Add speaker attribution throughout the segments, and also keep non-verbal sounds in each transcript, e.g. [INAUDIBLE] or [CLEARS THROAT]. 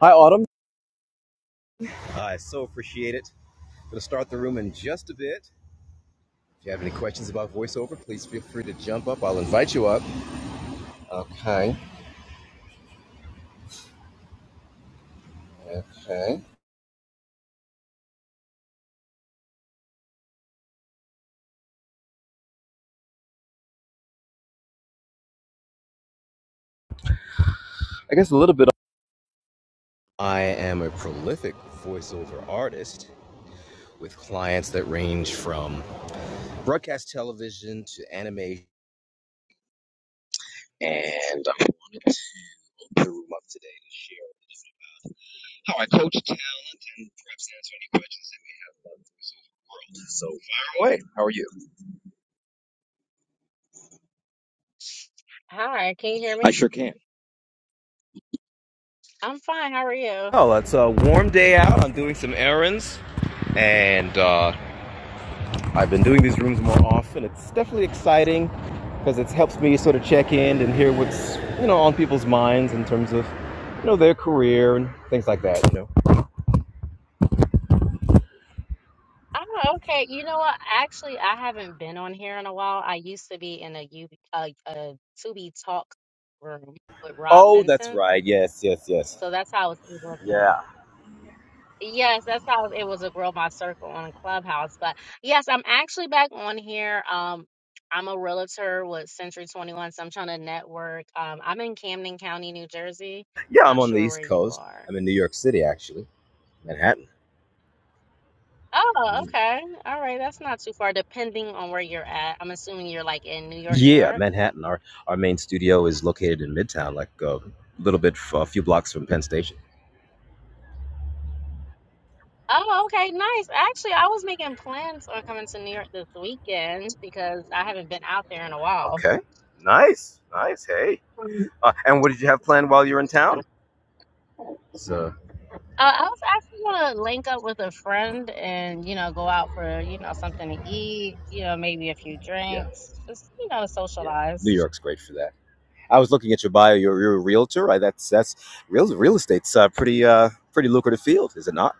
Speaker 1: Hi, Autumn. I so appreciate it. Gonna start the room in just a bit. If you have any questions about voiceover, please feel free to jump up. I'll invite you up. Okay, okay. I guess a little bit. I am a prolific voiceover artist with clients that range from broadcast television to anime. And I'm gonna room up today to share how I coach talent and perhaps answer any questions that you have. So fire away. How are you?
Speaker 2: Hi, can you hear
Speaker 1: I-
Speaker 2: me? I'm fine. How are you?
Speaker 1: well, it's a warm day out. I'm doing some errands. and uh, I've been doing these rooms more often. It's definitely exciting because it helps me sort of check in and hear what's you know on people's minds in terms of you know their career and things like that. You know.
Speaker 2: Oh, okay. You know what? Actually, I haven't been on here in a while. I used to be in a U a, a to be talk room with Rob
Speaker 1: Oh, that's
Speaker 2: Benson,
Speaker 1: right. Yes, yes, yes.
Speaker 2: so that's how I was able to.
Speaker 1: Yeah,
Speaker 2: Yes, that's how I was able to grow my circle on Clubhouse. But yes, I'm actually back on here. Um, I'm a realtor with Century 21, so I'm trying to network. Um, I'm in Camden County, New Jersey.
Speaker 1: yeah. I'm
Speaker 2: Not
Speaker 1: on the
Speaker 2: sure where
Speaker 1: East
Speaker 2: you
Speaker 1: Coast.
Speaker 2: are.
Speaker 1: I'm in New York City, actually, Manhattan.
Speaker 2: Oh,
Speaker 1: Mhm.
Speaker 2: okay. All right. That's not too far, depending on where you're at. I'm assuming you're like in New York, New
Speaker 1: Yeah,
Speaker 2: York.
Speaker 1: Manhattan. Our our main studio is located in Midtown, like a little bit, a few blocks from Penn Station.
Speaker 2: Oh, okay. Nice. Actually, I was making plans on coming to New York this weekend because I haven't been out there in a while.
Speaker 1: Okay. Nice, nice. Hey.
Speaker 2: Mm.
Speaker 1: Uh, and what did you have planned while you're in town? So.
Speaker 2: Uh, I was actually gonna link up with a friend and, you know, go out for, you know, something to eat, you know, maybe a few
Speaker 1: Yeah,
Speaker 2: drinks, just, you know,
Speaker 1: yeah. New
Speaker 2: socialize.
Speaker 1: York's great for that. I was looking at your bio. You're, you're a realtor. I, that's that's real real estate's uh, pretty uh, pretty lucrative field, is it not?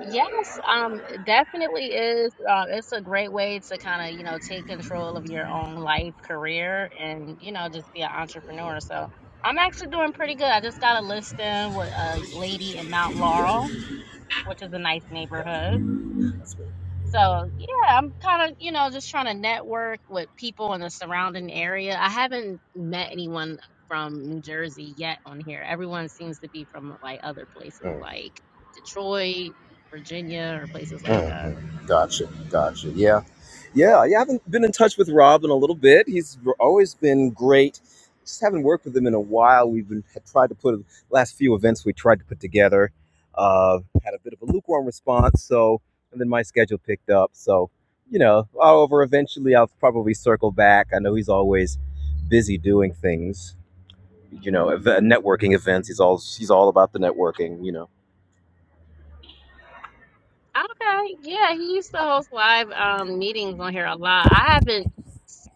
Speaker 2: Yes, um, definitely is. Um, it's a great way to kind of, you know, take control of your own life, career, and, you know, just be an entrepreneur. So I'm actually doing pretty good. I just got a listing with a lady in Mount Laurel, which is a nice neighborhood. So yeah, I'm kind of, you know, just trying to network with people in the surrounding area. I haven't met anyone from New Jersey yet on here. Everyone seems to be from like other places
Speaker 1: Mm,
Speaker 2: like Detroit, Virginia, or places like
Speaker 1: mm,
Speaker 2: that.
Speaker 1: mm. Gotcha, gotcha. Yeah, Yeah, yeah, I haven't been in touch with Rob in a little bit. He's always been great. Just haven't worked with him in a while. We've been had tried to put last few events we tried to put together. Uh, had a bit of a lukewarm response, so and then my schedule picked up. So you know, however, eventually I'll probably circle back. I know he's always busy doing things. You know, ev- networking events. He's all he's all about the networking. You know.
Speaker 2: Okay, yeah, he used to host live um meetings on here a lot. I haven't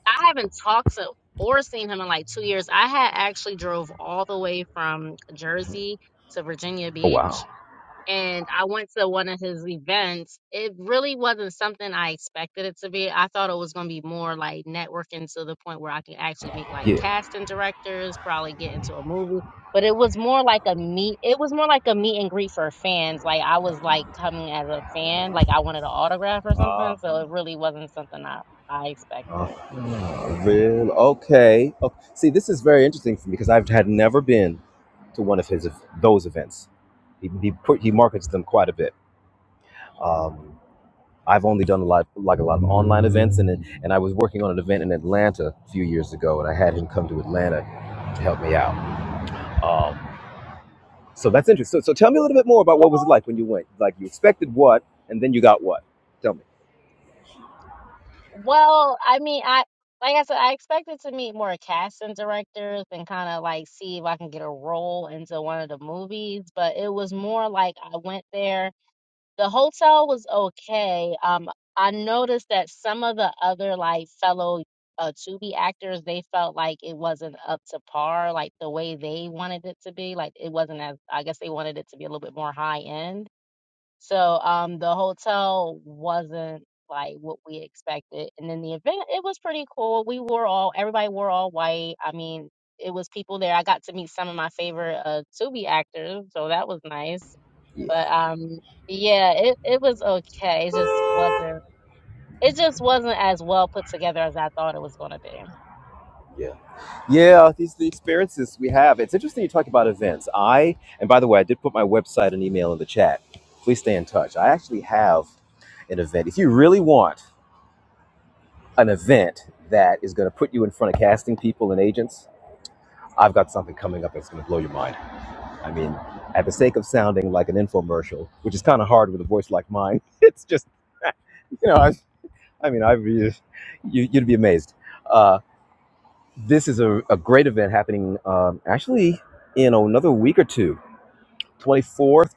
Speaker 2: I haven't talked to or seen him in like two years. I had actually drove all the way from Jersey to Virginia
Speaker 1: Oh
Speaker 2: Beach
Speaker 1: wow.
Speaker 2: and I went to one of his events. It really wasn't something I expected it to be. I thought it was going to be more like networking to the point where I can actually meet like
Speaker 1: Yeah.
Speaker 2: casting directors, probably get into a movie. But it was more like a meet. It was more like a meet and greet for fans. Like I was like coming as a fan, like I wanted an autograph or something.
Speaker 1: Uh-huh.
Speaker 2: So it really wasn't something I I
Speaker 1: Ah,
Speaker 2: expected.
Speaker 1: real okay. okay. See, this is very interesting for me because I've had never been to one of his those events. He he, put, he markets them quite a bit. Um, I've only done a lot like a lot of online events, and then- and I was working on an event in Atlanta a few years ago, and I had him come to Atlanta to help me out. Um, so that's interesting. So, so tell me a little bit more about what was it like when you went. Like you expected what, and then you got what? Tell
Speaker 2: Well, I mean, I like I said, I expected to meet more casting directors and kind of like see if I can get a role into one of the movies, but it was more like I went there. The hotel was okay. Um, I noticed that some of the other like fellow uh Tubi actors, they felt like it wasn't up to par, like the way they wanted it to be. Like it wasn't as I guess they wanted it to be a little bit more high end. So um, the hotel wasn't like what we expected. And then the event, it was pretty cool. We wore all, everybody wore all white. I mean, it was people there. I got to meet some of my favorite uh, Tubi actors, so that was nice.
Speaker 1: me.
Speaker 2: But um, yeah, it, it was okay. It just wasn't, it just wasn't as well put together as I thought it was going to be.
Speaker 1: Yeah. Yeah, these are the experiences we have. It's interesting you talk about events. I, and by the way, I did put my website and email in the chat. Please stay in touch. I actually have an event. If you really want an event that is going to put you in front of casting people and agents, I've got something coming up that's going to blow your mind. I mean, at the sake of sounding like an infomercial, which is kind of hard with a voice like mine, [LAUGHS] it's just, [LAUGHS] you know, I, I mean, i you, you'd be amazed. Uh, This is a, a great event happening um, actually in another week or two, twenty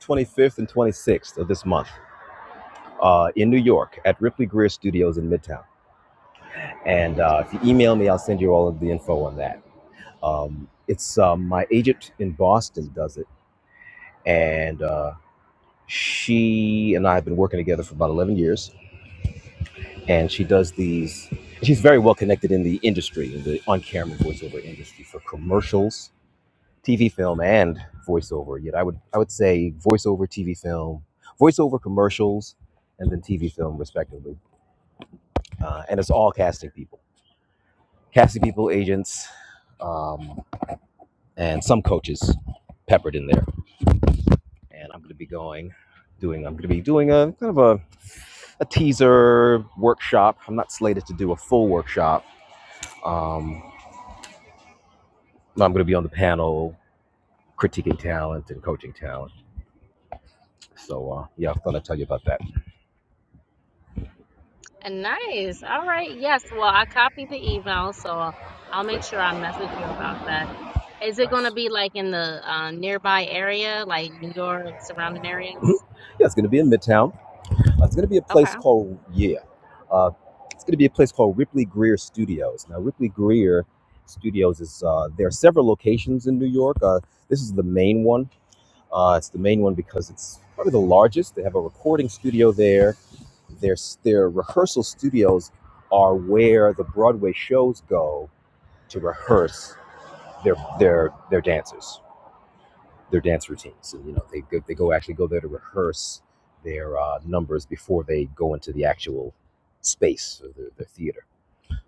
Speaker 1: 25th, and 26th of this month uh, in New York at Ripley Greer Studios in Midtown. And uh, if you email me, I'll send you all of the info on that. Um, it's um, my agent in Boston does it. And uh, she and I have been working together for about 11 years. And she does these, she's very well connected in the industry, in the on camera voiceover industry for commercials TV, film, and voiceover. Yet I would I would say voiceover, TV, film, voiceover commercials, and then TV, film, respectively. Uh, and it's all casting people, casting people, agents, um, and some coaches peppered in there. And I'm going to be going, doing. I'm going to be doing a kind of a a teaser workshop. I'm not slated to do a full workshop. Um, but I'm going to be on the panel critiquing talent and coaching talent. So uh, yeah, I thought I'd tell you about that.
Speaker 2: Nice. All right. Yes. Well, I copied the email, so I'll make
Speaker 1: Great,
Speaker 2: sure I message you about that. Is it going
Speaker 1: nice.
Speaker 2: to be like in the uh, nearby area, like New York, surrounding
Speaker 1: Mm-hmm.
Speaker 2: areas?
Speaker 1: Yeah, it's going to be in Midtown. Uh, It's going to be a place
Speaker 2: Okay.
Speaker 1: called Yeah. Uh, it's going to be a place called Ripley Greer Studios. Now, Ripley Greer Studios is uh, there are several locations in New York. Uh, this is the main one. Uh, it's the main one because it's probably the largest. They have a recording studio there. Their their rehearsal studios are where the Broadway shows go to rehearse their their their dancers their dance routines. And, you know, they go, they go actually go there to rehearse their uh, numbers before they go into the actual space or their, their theater.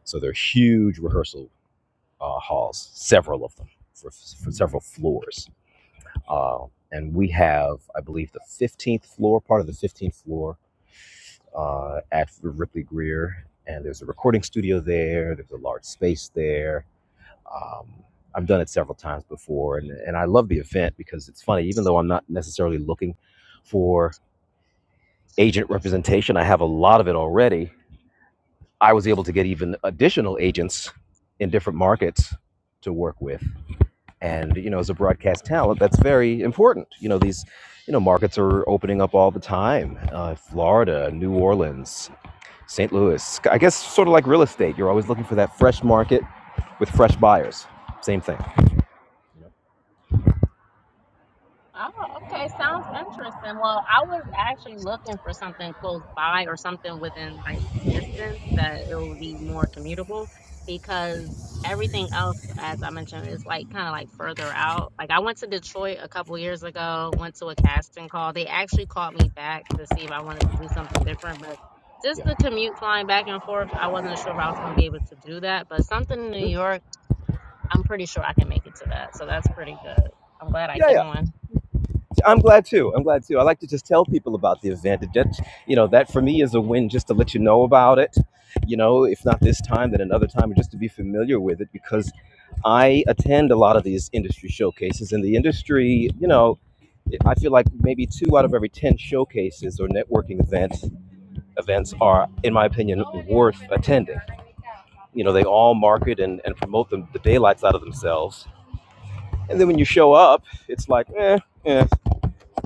Speaker 1: So they're huge rehearsal uh, halls, several of them for, for several floors. Uh, and we have, I believe, the 15th floor, part of the 15th floor uh, at Ripley Greer. And there's a recording studio there. There's a large space there um, I've done it several times before, and, and I love the event because it's funny. Even though I'm not necessarily looking for agent representation, I have a lot of it already. I was able to get even additional agents in different markets to work with, and you know, as a broadcast talent, that's very important. You know, these you know markets are opening up all the time: uh, Florida, New Orleans, St. Louis. I guess sort of like real estate, you're always looking for that fresh market with fresh buyers. Same thing.
Speaker 2: Oh, okay. Sounds interesting. Well, I was actually looking for something close by or something within like distance that it would be more commutable because everything else, as I mentioned, is like kind of like further out. Like I went to Detroit a couple years ago, went to a casting call. They actually called me back to see if I wanted to do something different, but just
Speaker 1: Yeah.
Speaker 2: the commute flying back and forth, I wasn't sure if I was going to be able to do that. But something in New York, I'm pretty sure I can make it to that. So that's pretty good. I'm glad I
Speaker 1: Yeah,
Speaker 2: came
Speaker 1: yeah.
Speaker 2: on.
Speaker 1: I'm glad too. I'm glad too. I like to just tell people about the event. That you know, that for me is a win just to let you know about it. You know, if not this time, then another time, just to be familiar with it because I attend a lot of these industry showcases. And the industry, you know, I feel like maybe two out of every 10 showcases or networking events events are, in my opinion, worth attending. You know, they all market and, and promote them, the daylights out of themselves. And then when you show up, it's like, eh, eh.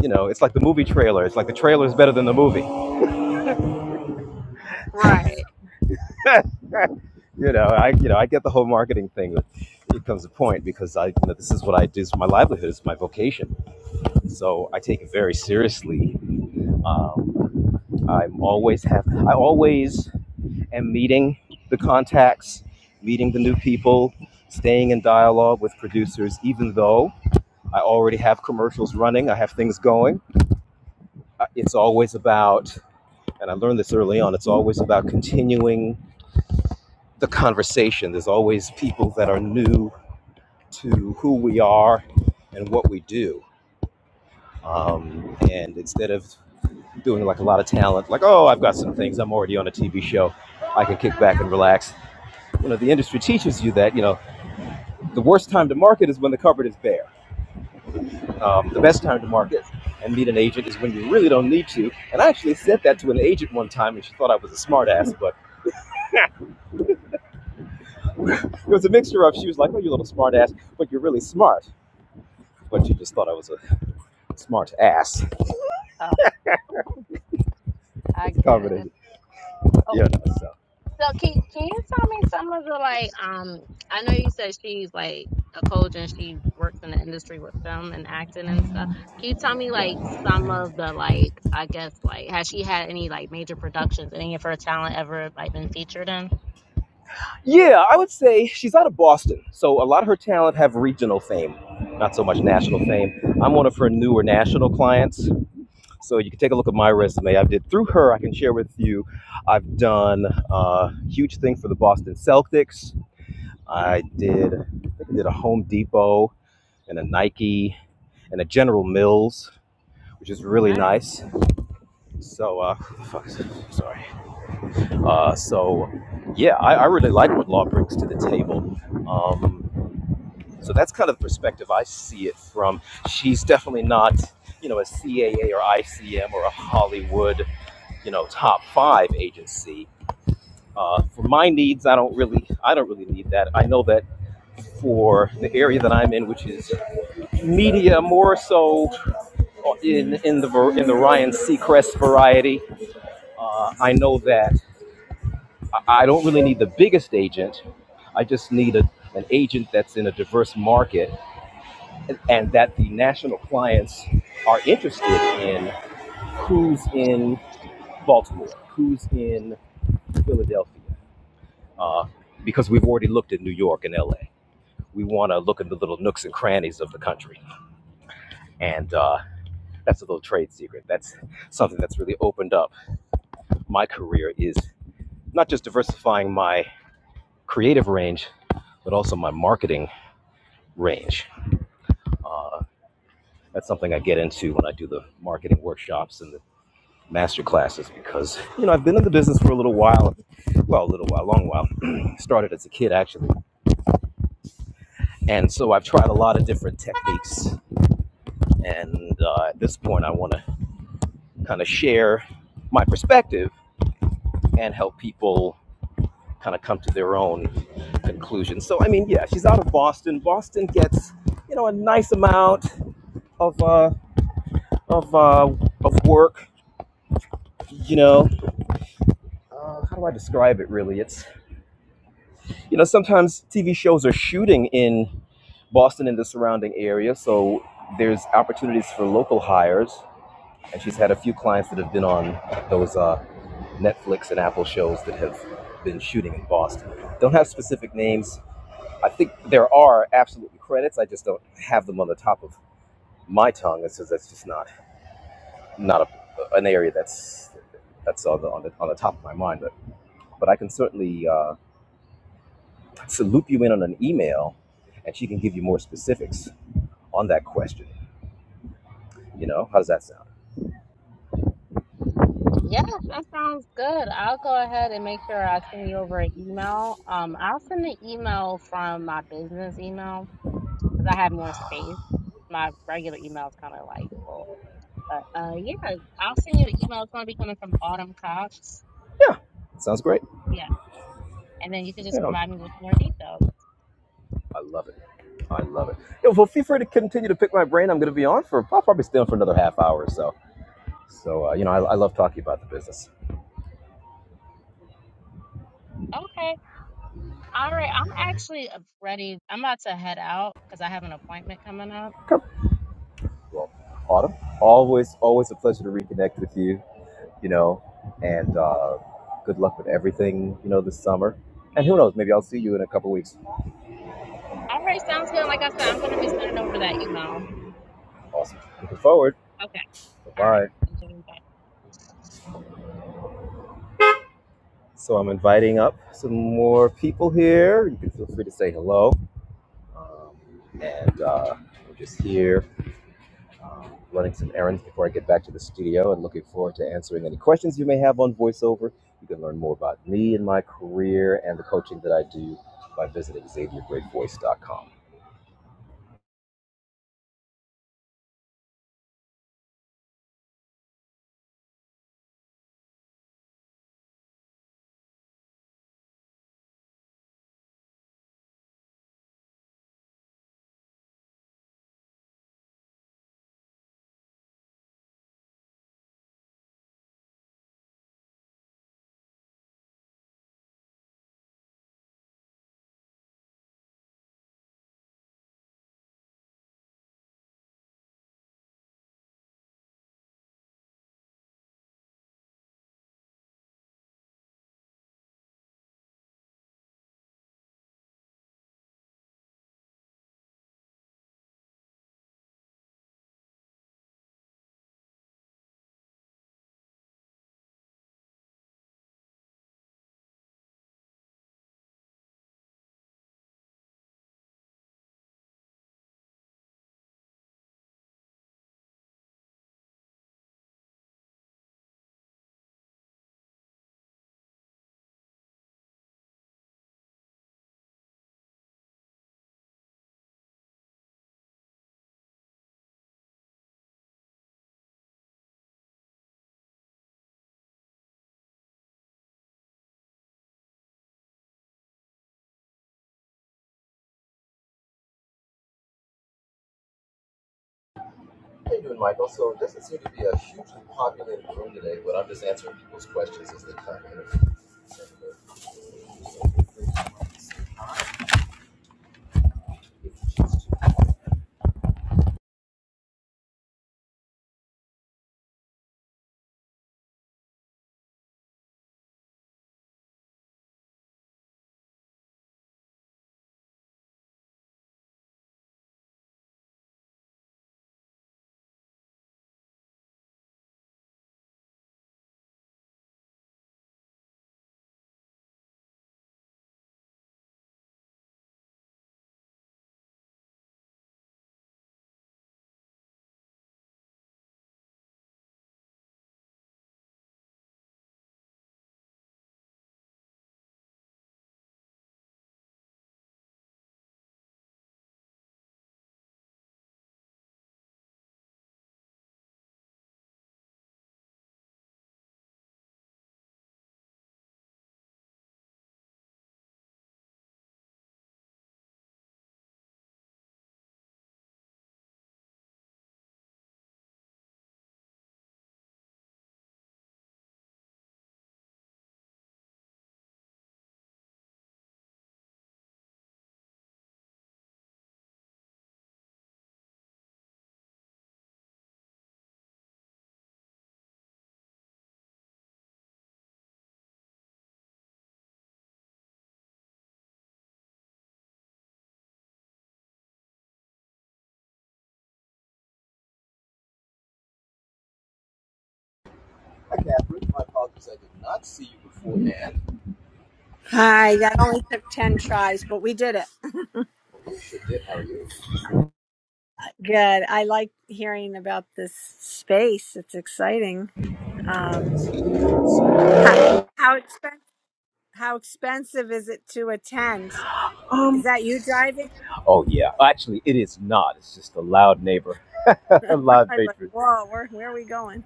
Speaker 1: You know, it's like the movie trailer. It's like the trailer is better than the movie. [LAUGHS] you
Speaker 2: Right.
Speaker 1: know, I you know I get the whole marketing thing, but it comes to point because I you know, this is what I do. It's my livelihood. It's my vocation. So I take it very seriously. Um, I'm always have I always am meeting the contacts, meeting the new people, staying in dialogue with producers. Even though I already have commercials running, I have things going. Uh, It's always about, and I learned this early on. It's always about continuing the conversation. There's always people that are new to who we are and what we do. Um, and instead of doing like a lot of talent, like, oh, I've got some things, I'm already on a TV show, I can kick back and relax. You know, the industry teaches you that, you know, the worst time to market is when the cupboard is bare. Um, the best time to market and meet an agent is when you really don't need to. And I actually said that to an agent one time and she thought I was a smartass, but it was a mixture of she was like, oh, you little smartass, but you're really smart. But she just thought I was a smart ass.
Speaker 2: Oh, I
Speaker 1: It's a
Speaker 2: get it.
Speaker 1: combination.
Speaker 2: Oh,
Speaker 1: Yeah. So
Speaker 2: so can can you tell me some of the like um I know you said she's like a coach and she works in the industry with film and acting and stuff. Can you tell me like
Speaker 1: yeah.
Speaker 2: some of the like I guess like has she had any like major productions, any of her talent ever like been featured in?
Speaker 1: Yeah, I would say she's out of Boston, so a lot of her talent have regional fame, not so much national fame. I'm one of her newer national clients, so you can take a look at my resume. I did through her. I can share with you. I've done a huge thing for the Boston Celtics. I did I did a Home Depot and a Nike and a General Mills, which is really
Speaker 2: Nice.
Speaker 1: nice. So uh, fuck, sorry. Uh, so, yeah, I, I really like what law brings to the table. Um, so that's kind of the perspective I see it from. She's definitely not, you know, a CAA or ICM or a Hollywood, you know, top five agency. Uh, for my needs, I don't really, I don't really need that. I know that for the area that I'm in, which is media, more so in in the in the Ryan Seacrest variety, uh, I know that I don't really need the biggest agent. I just need a, an agent that's in a diverse market and, and that the national clients are interested in who's in Baltimore, who's in Philadelphia, uh, because we've already looked at New York and LA. We want to look at the little nooks and crannies of the country. And uh, that's a little trade secret. That's something that's really opened up my career is not just diversifying my creative range, but also my marketing range That's something I get into when I do the marketing workshops and the master classes because, you know, I've been in the business for a little while. Well, a little while, long while. [CLEARS THROAT] Started as a kid, actually. And so I've tried a lot of different techniques. And uh, at this point, I want to kind of share my perspective and help people kind of come to their own conclusion. So I mean, yeah, she's out of Boston. Boston gets you know a nice amount of uh, of uh, of work. You know, uh, how do I describe it? Really, it's you know, sometimes TV shows are shooting in Boston and the surrounding area, so there's opportunities for local hires. And she's had a few clients that have been on those uh, Netflix and Apple shows that have been shooting in Boston. Don't have specific names. I think there are absolutely credits. I just don't have them on the top of my tongue. It says that's just not not a, an area that's that's on the, on the on the top of my mind. But but I can certainly. uh, to loop you in on an email and she can give you more specifics on that question. You know, how does that sound?
Speaker 2: Yes, that sounds good. I'll go ahead and make sure I send you over an email. Um, I'll send an email from my business email because I have more space. My regular email is kind of like full. But uh, yeah, I'll send you an email. It's going to be coming from Autumn Cox.
Speaker 1: Yeah, it sounds great.
Speaker 2: Yeah. And then you can just
Speaker 1: Yeah,
Speaker 2: provide me with more details.
Speaker 1: I love it. I love it. Yo, well, feel free to continue to pick my brain. I'm going to be on for, I'll probably stay on for another half hour or so. So, uh, you know, I, I love talking about the business.
Speaker 2: Okay. All right. I'm actually uh, ready. I'm about to head out because I have an appointment coming up.
Speaker 1: Okay. Well, Autumn, always, always a pleasure to reconnect with you, you know, and uh, good luck with everything, you know, this summer. And who knows, maybe I'll see you in a couple weeks.
Speaker 2: All right. Sounds good. Like I said, I'm going to be sending over that email.
Speaker 1: Awesome. Looking forward.
Speaker 2: Okay.
Speaker 1: Bye
Speaker 2: All right.
Speaker 1: bye.
Speaker 2: Enjoy your day.
Speaker 1: So I'm inviting up some more people here. You can feel free to say hello. Um, and uh, I'm just here um, running some errands before I get back to the studio and looking forward to answering any questions you may have on voiceover. You can learn more about me and my career and the coaching that I do by visiting xaviergreatvoice.com. How you doing, Michael? So it doesn't seem to be a hugely populated room today, but I'm just answering people's questions as they come in. Hi, Catherine. My apologies. I did not see you beforehand.
Speaker 3: Hi, that only took 10 tries, but we did it.
Speaker 1: We sure did. How are you?
Speaker 3: Good. I like hearing about this space. It's exciting. Um, how, how, expen- how expensive is it to attend? Is
Speaker 1: Um.
Speaker 3: that you driving?
Speaker 1: Oh yeah. Actually, it is not. It's just a loud neighbor,
Speaker 3: [LAUGHS]
Speaker 1: [LAUGHS]
Speaker 3: I'm
Speaker 1: a loud
Speaker 3: like,
Speaker 1: patron.
Speaker 3: whoa, where, where are we going?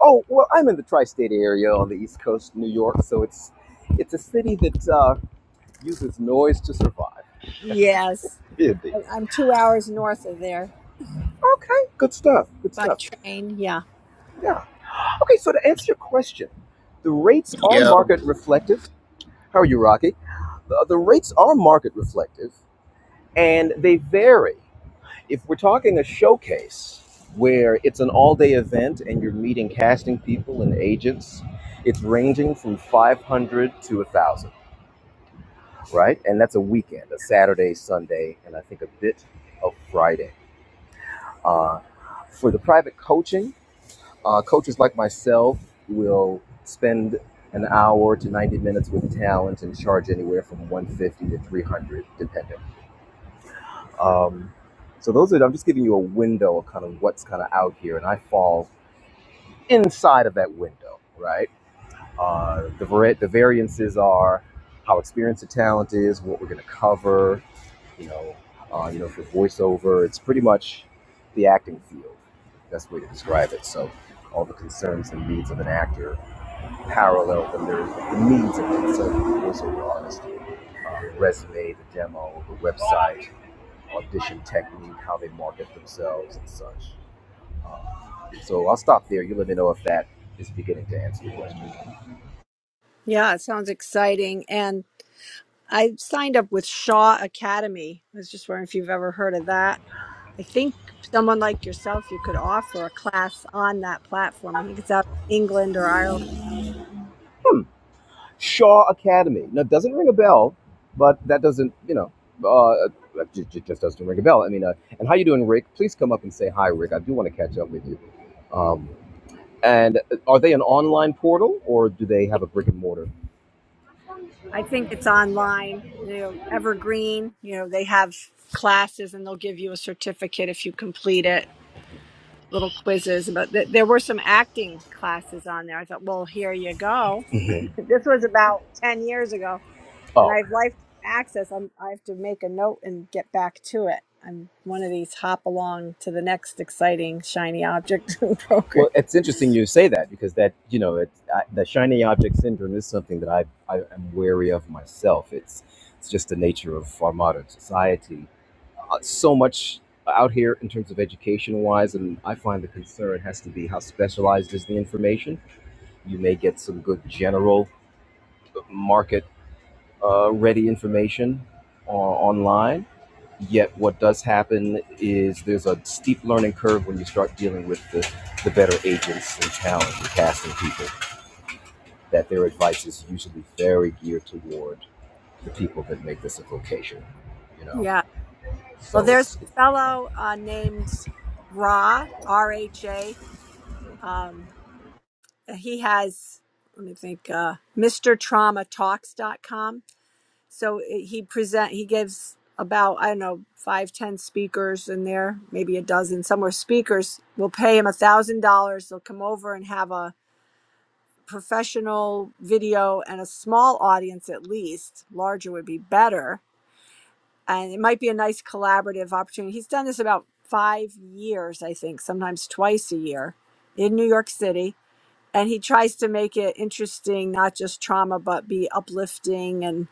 Speaker 1: Oh, well, I'm in the tri-state area on the East Coast, New York. So it's it's a city that uh, uses noise to survive.
Speaker 3: Yes.
Speaker 1: Indeed.
Speaker 3: I- I'm two hours north of there
Speaker 1: Okay, good stuff. Good
Speaker 3: by
Speaker 1: stuff.
Speaker 3: train. Yeah.
Speaker 1: Yeah. Okay, so to answer your question, the rates are
Speaker 4: Yo,
Speaker 1: market reflective. How are you, Rocky? The, the rates are market reflective, and they vary. if we're talking a showcase where it's an all-day event and you're meeting casting people and agents, it's ranging from 500 to 1,000, right? And that's a weekend, a Saturday, Sunday, and I think a bit of Friday. Uh, for the private coaching, uh, coaches like myself will spend an hour to 90 minutes with talent and charge anywhere from 150 to 300, depending. Um, so those are, I'm just giving you a window of kind of what's kind of out here, and I fall inside of that window, right? Uh, the, var the variances are how experienced the talent is, what we're going to cover, you know, uh, you know, for voiceover. It's pretty much the acting field. Best way to describe it. So all the concerns and needs of an actor parallel the, lyric- the needs of it. So voiceover artist, uh, resume, the demo, the website, audition technique, how they market themselves and such. So I'll stop there. You let me know if that is beginning to answer your question.
Speaker 3: Yeah, it sounds exciting. And I signed up with Shaw Academy. I was just wondering if you've ever heard of that. I think someone like yourself, you could offer a class on that platform. I think it's out in England or Ireland.
Speaker 1: Shaw Academy. Now, it doesn't ring a bell, but that doesn't, you know, uh, it ju- ju- just doesn't ring a bell. I mean, uh, and how you doing, Rick? Please come up and say hi, Rick. I do want to catch up with you. Um, and are they an online portal or do they
Speaker 3: Yeah,
Speaker 1: have a brick and mortar?
Speaker 3: I think it's online. You know, Evergreen. You know, they have classes, and they'll give you a certificate if you complete it. Little quizzes, but th- there were some acting classes on there. I thought, well, here you go. [LAUGHS] This was about ten years ago, and
Speaker 1: Oh,
Speaker 3: I've
Speaker 1: okay.
Speaker 3: life access. I'm, I have to make a note and get back to it. I'm one of these hop along to the next exciting shiny object [LAUGHS] program.
Speaker 1: Well, it's interesting you say that because that, you know, it, I, the shiny object syndrome is something that I, I am wary of myself. It's, it's just the nature of our modern society uh, so much out here in terms of education wise and i find the concern has to be how specialized is the information you may get some good general market uh, ready information uh, online yet what does happen is there's a steep learning curve when you start dealing with the, the better agents in town and casting people that their advice is usually very geared toward the people that make this a vocation you know
Speaker 3: Yeah. Well,
Speaker 1: so
Speaker 3: there's a
Speaker 1: it's, it's
Speaker 3: fellow uh, named Ra, R H A. Um, he has, let me think, uh, MrTraumaTalks.com. So eh, he present he gives about I don't know five ten speakers in there, maybe a dozen somewhere. Speakers will pay him a thousand dollars. They'll come over and have a professional video and a small audience at least. Larger would be better and it might be a nice collaborative opportunity. He's done this about five years, I think, sometimes twice a year in New York City. And he tries to make it interesting, not just trauma, but be uplifting. And,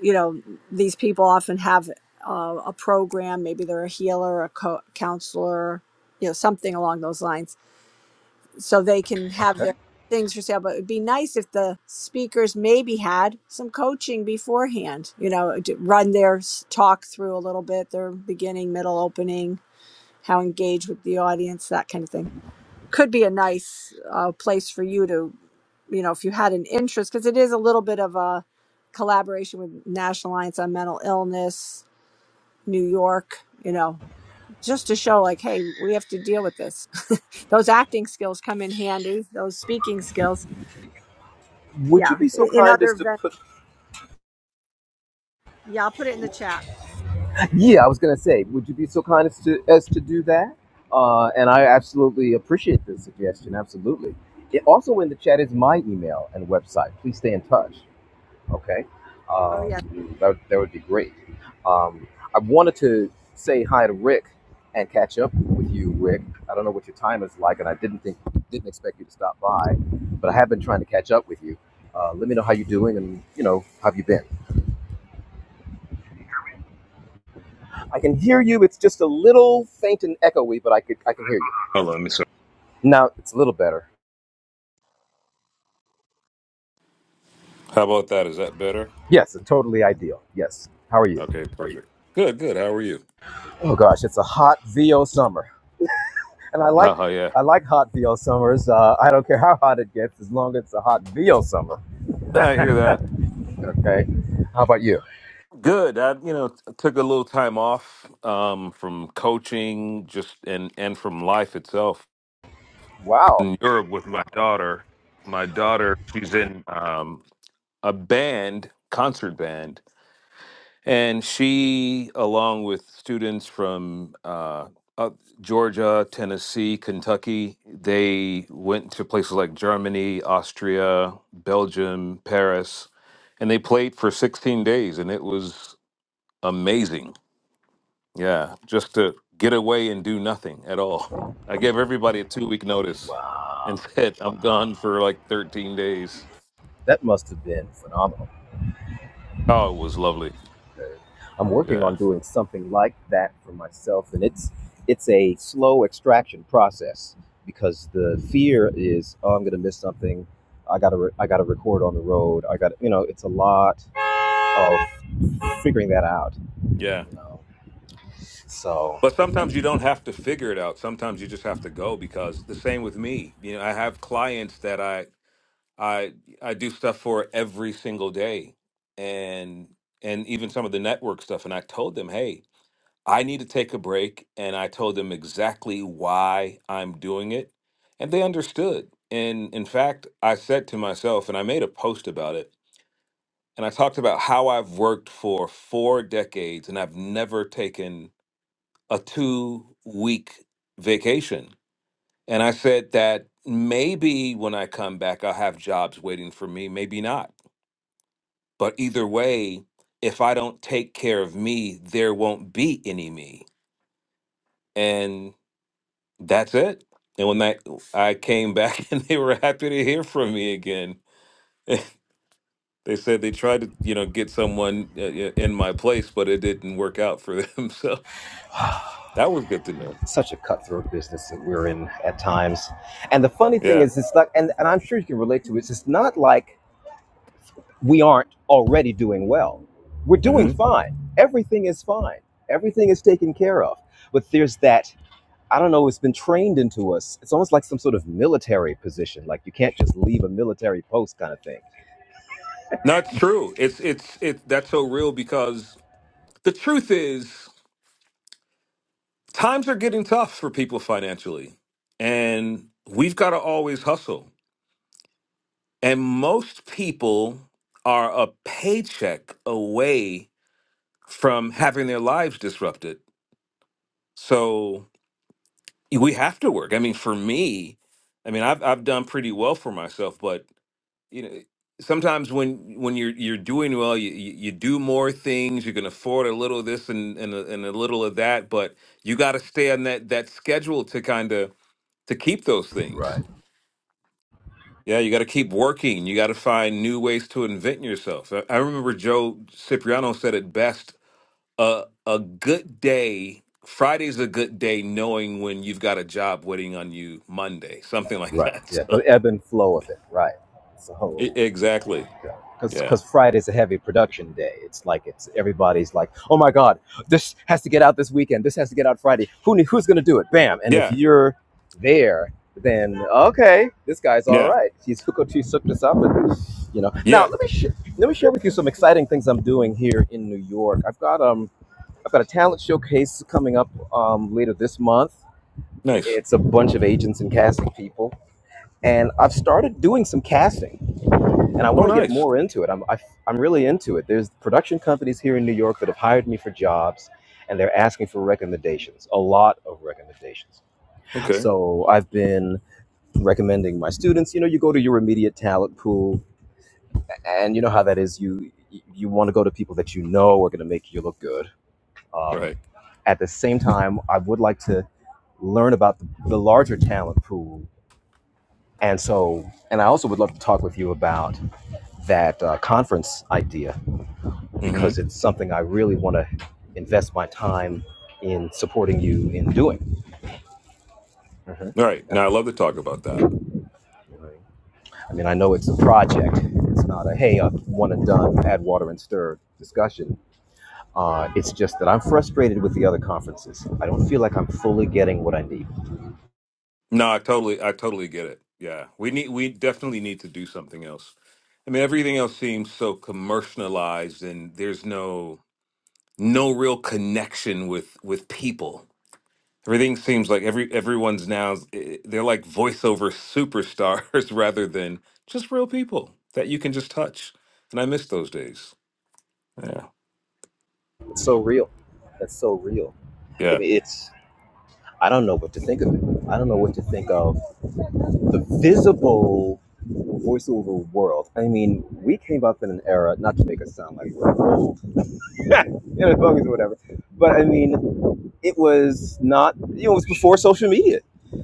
Speaker 3: you know, these people often have uh, a program. Maybe they're a healer, a co- counselor, you know, something along those lines so they can have
Speaker 1: okay
Speaker 3: their things for sale. But it'd be nice if the speakers maybe had some coaching beforehand, you know, to run their s- talk through a little bit, their beginning, middle, opening, how engage with the audience, that kind of thing. Could be a nice uh, place for you to, you know, if you had an interest, because it is a little bit of a collaboration with National Alliance on Mental Illness, New York, you know just to show like hey we have to deal with this [LAUGHS] those acting skills come in handy those speaking skills
Speaker 1: Would you
Speaker 3: yeah
Speaker 1: be so
Speaker 3: in in
Speaker 1: kind
Speaker 3: other
Speaker 1: as to
Speaker 3: ven-
Speaker 1: put?
Speaker 3: yeah i'll put it in the chat
Speaker 1: Yeah, I was gonna say, would you be so kind as to as to do that? Uh, and I absolutely appreciate the suggestion. Absolutely. It, also in the chat is my email and website. Please stay in touch. Okay,
Speaker 3: oh yeah
Speaker 1: um, that that would be great. Um, I wanted to say hi to Rick and catch up with you, Rick. I don't know what your time is like, and I didn't think didn't expect you to stop by, but I have been trying to catch up with you. Uh, let me know how you're doing, and you know how have you been. I can hear you. It's just a little faint and echoey, but I could I can hear you.
Speaker 5: Hold on, let me see.
Speaker 1: Now it's a little better.
Speaker 5: How about that? Is that better?
Speaker 1: Yes, totally ideal. Yes. How are you?
Speaker 5: Okay, perfect. Good, good. How are you?
Speaker 1: Oh gosh, it's a hot VO summer, and I like
Speaker 5: Oh yeah,
Speaker 1: I like hot VO summers. Uh, I don't care how hot it gets, as long as it's a hot VO summer.
Speaker 5: I hear that.
Speaker 1: Okay. How about you?
Speaker 5: Good. I you know t- took a little time off um, from coaching, just and and from life itself.
Speaker 1: Wow,
Speaker 5: In Europe with my daughter. My daughter, she's in um, a band, concert band, And she, along with students from uh, uh, Georgia, Tennessee, Kentucky, they went to places like Germany, Austria, Belgium, Paris, and they played for 16 days, and it was amazing. Yeah, just to get away and do nothing at all. [LAUGHS] I gave everybody a two week notice and [LAUGHS] said, I'm gone for like 13 days.
Speaker 1: that must have been phenomenal.
Speaker 5: Oh, it was lovely.
Speaker 1: I'm working on
Speaker 5: Yeah.
Speaker 1: doing something like that for myself, and it's it's a slow extraction process because the fear is, oh, I'm going to miss something. I gotta re- I gotta record on the road. I got to you know, it's a lot of figuring that out.
Speaker 5: Yeah.
Speaker 1: You know, so
Speaker 5: But sometimes you don't have to figure it out. Sometimes you just have to go because the same with me. You know, I have clients that I I I do stuff for every single day and and even some of the network stuff and I told them, "Hey, I need to take a break." And I told them exactly why I'm doing it, and they understood. And in fact, I said to myself and I made a post about it, and I talked about how I've worked for 4 decades and I've never taken a two week vacation. And I said that maybe when I come back, I'll have jobs waiting for me, maybe not. But either way, if I don't take care of me, there won't be any me. And that's it. And when I, I came back [LAUGHS] and they were happy to hear from me again, they said they tried to, you know, get someone uh, uh, in my place, but it didn't work out for them. [LAUGHS] So that was good to know.
Speaker 1: such a cutthroat business that we're in at times. And the funny thing
Speaker 5: Yeah.
Speaker 1: is, it's not, and, and I'm sure you can relate to it. It's not like we aren't already doing well. We're doing
Speaker 5: hmm
Speaker 1: fine. Everything is fine. Everything is taken care of. But there's that, I don't know, it's been trained into us. It's almost like some sort of military position, like you can't just leave a military post kind of thing.
Speaker 5: no, it's true. It's it's it. That's so real because The truth is, times are getting tough for people financially, and we've got to always hustle. And most people are a paycheck away from having their lives disrupted. So we have to work. I mean, for me, I mean, I've I've done pretty well for myself, but you know, sometimes when when you're you're doing well, you you, you do more things. You can afford a little of this and and a, and a little of that, but you got to stay on that that schedule to kind of to keep those things.
Speaker 1: Right.
Speaker 5: Yeah, you got to keep working. You got to find new ways to invent yourself. I I remember Joe Cipriano said it best: uh, a good day. Friday's a good day, knowing when you've got a job waiting on you Monday, [LAUGHS] something like
Speaker 1: Right.
Speaker 5: that. [LAUGHS]
Speaker 1: Yeah. The
Speaker 5: So
Speaker 1: ebb and flow of it. Right. So
Speaker 5: e- exactly,
Speaker 1: because
Speaker 5: yeah,
Speaker 1: because Friday's a heavy production day. It's like it's everybody's like, oh my god, this has to get out this weekend. This has to get out Friday. Who ne- who's gonna do it? Bam! And if
Speaker 5: yeah,
Speaker 1: you're there, then okay, this guy's all
Speaker 5: yeah,
Speaker 1: right. He's [LAUGHS] hooked She's hooked us up, and you know. Now
Speaker 5: yeah.
Speaker 1: let me sh- let me share with you some exciting things I'm doing here in New York. I've got um I've got a talent showcase coming up um later this month.
Speaker 5: Nice.
Speaker 1: It's a bunch of agents and casting people, and I've started doing some casting and I
Speaker 5: Oh,
Speaker 1: want to get
Speaker 5: nice.
Speaker 1: more into it. I'm I, I'm really into it. There's production companies here in New York that have hired me for jobs, and they're asking for recommendations, a lot of recommendations.
Speaker 5: Okay,
Speaker 1: So I've been recommending my students. You know, you go to your immediate talent pool, and you know how that is. You you want to go to people that you know are going to make you look good. Um,
Speaker 5: right.
Speaker 1: at the same time, I would like to learn about the, the larger talent pool. And so, and I also would love to talk with you about that uh, conference idea because
Speaker 5: Mm-hmm.
Speaker 1: it's something I really want to invest my time in supporting you in doing. hmm
Speaker 5: All right. Now
Speaker 1: That's,
Speaker 5: I love to talk about that.
Speaker 1: I mean, I know it's a project. It's not a hey, a one and done, add water and stir discussion. Uh, it's just that I'm frustrated with the other conferences. I don't feel like I'm fully getting what I need.
Speaker 5: No, I totally, I totally get it. Yeah, we need, we definitely need to do something else. I mean, everything else seems so commercialized, and there's no, no real connection with with people. Everything seems like every everyone's now eh, they're like voiceover superstars [LAUGHS] rather than just real people that you can just touch. And I miss those days. Yeah,
Speaker 1: It's so real. That's so real. I
Speaker 5: yeah,
Speaker 1: mean, it's I don't know what to think of it. I don't know what to think of the visible voiceover world. I mean, we came up in an era, not to make us sound like we're old, [LAUGHS] you know, bogus or whatever, but I mean, it was not, you know, it was before social media.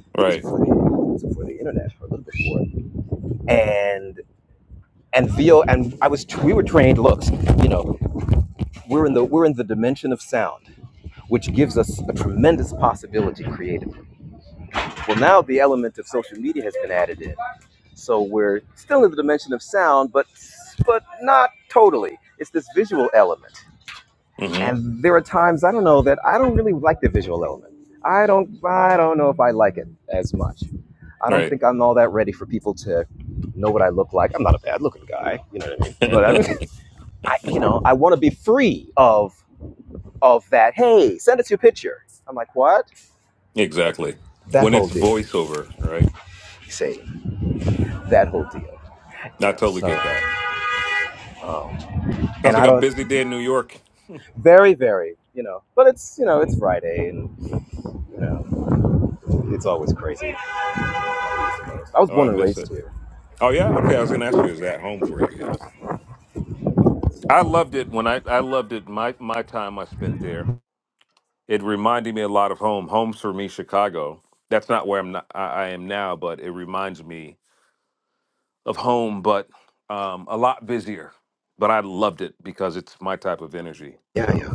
Speaker 1: I think it was
Speaker 5: right,
Speaker 1: before the, it was before the internet, or a little before. And and VO and I was we were trained. Look, you know, we're in the we're in the dimension of sound, which gives us a tremendous possibility creatively. Well, now the element of social media has been added in. So we're still in the dimension of sound, but but not totally. It's this visual element,
Speaker 5: mm-hmm.
Speaker 1: and there are times I don't know that I don't really like the visual element. I don't I don't know if I like it as much. I don't
Speaker 5: right,
Speaker 1: think I'm all that ready for people to know what I look like. I'm not a bad looking guy, you know what I mean. But I
Speaker 5: [LAUGHS]
Speaker 1: mean, [LAUGHS] I you know I want to be free of of that. Hey, send us your picture. I'm like what? Like
Speaker 5: exactly.
Speaker 1: that
Speaker 5: When
Speaker 1: whole
Speaker 5: it's
Speaker 1: deal.
Speaker 5: voiceover, right?
Speaker 1: You see, that whole deal. You
Speaker 5: I
Speaker 1: know,
Speaker 5: totally
Speaker 1: so
Speaker 5: get that.
Speaker 1: um,
Speaker 5: Sounds
Speaker 1: and I
Speaker 5: like a
Speaker 1: don't.
Speaker 5: busy day in New York.
Speaker 1: Very, very, you know. But it's, you know, it's Friday and, you know, it's always crazy. I was
Speaker 5: Oh, I
Speaker 1: born and
Speaker 5: miss
Speaker 1: raised
Speaker 5: it.
Speaker 1: here.
Speaker 5: Oh yeah, okay. I was gonna ask you, is that home for you? Yeah. I
Speaker 1: So,
Speaker 5: loved it when I I loved it my my time I spent there. It reminded me a lot of home. Home's for me, Chicago. That's not where I'm not, I, I am now, but it reminds me of home, but um, a lot busier. But I loved it because it's my type of energy.
Speaker 1: yeah, yeah,
Speaker 5: So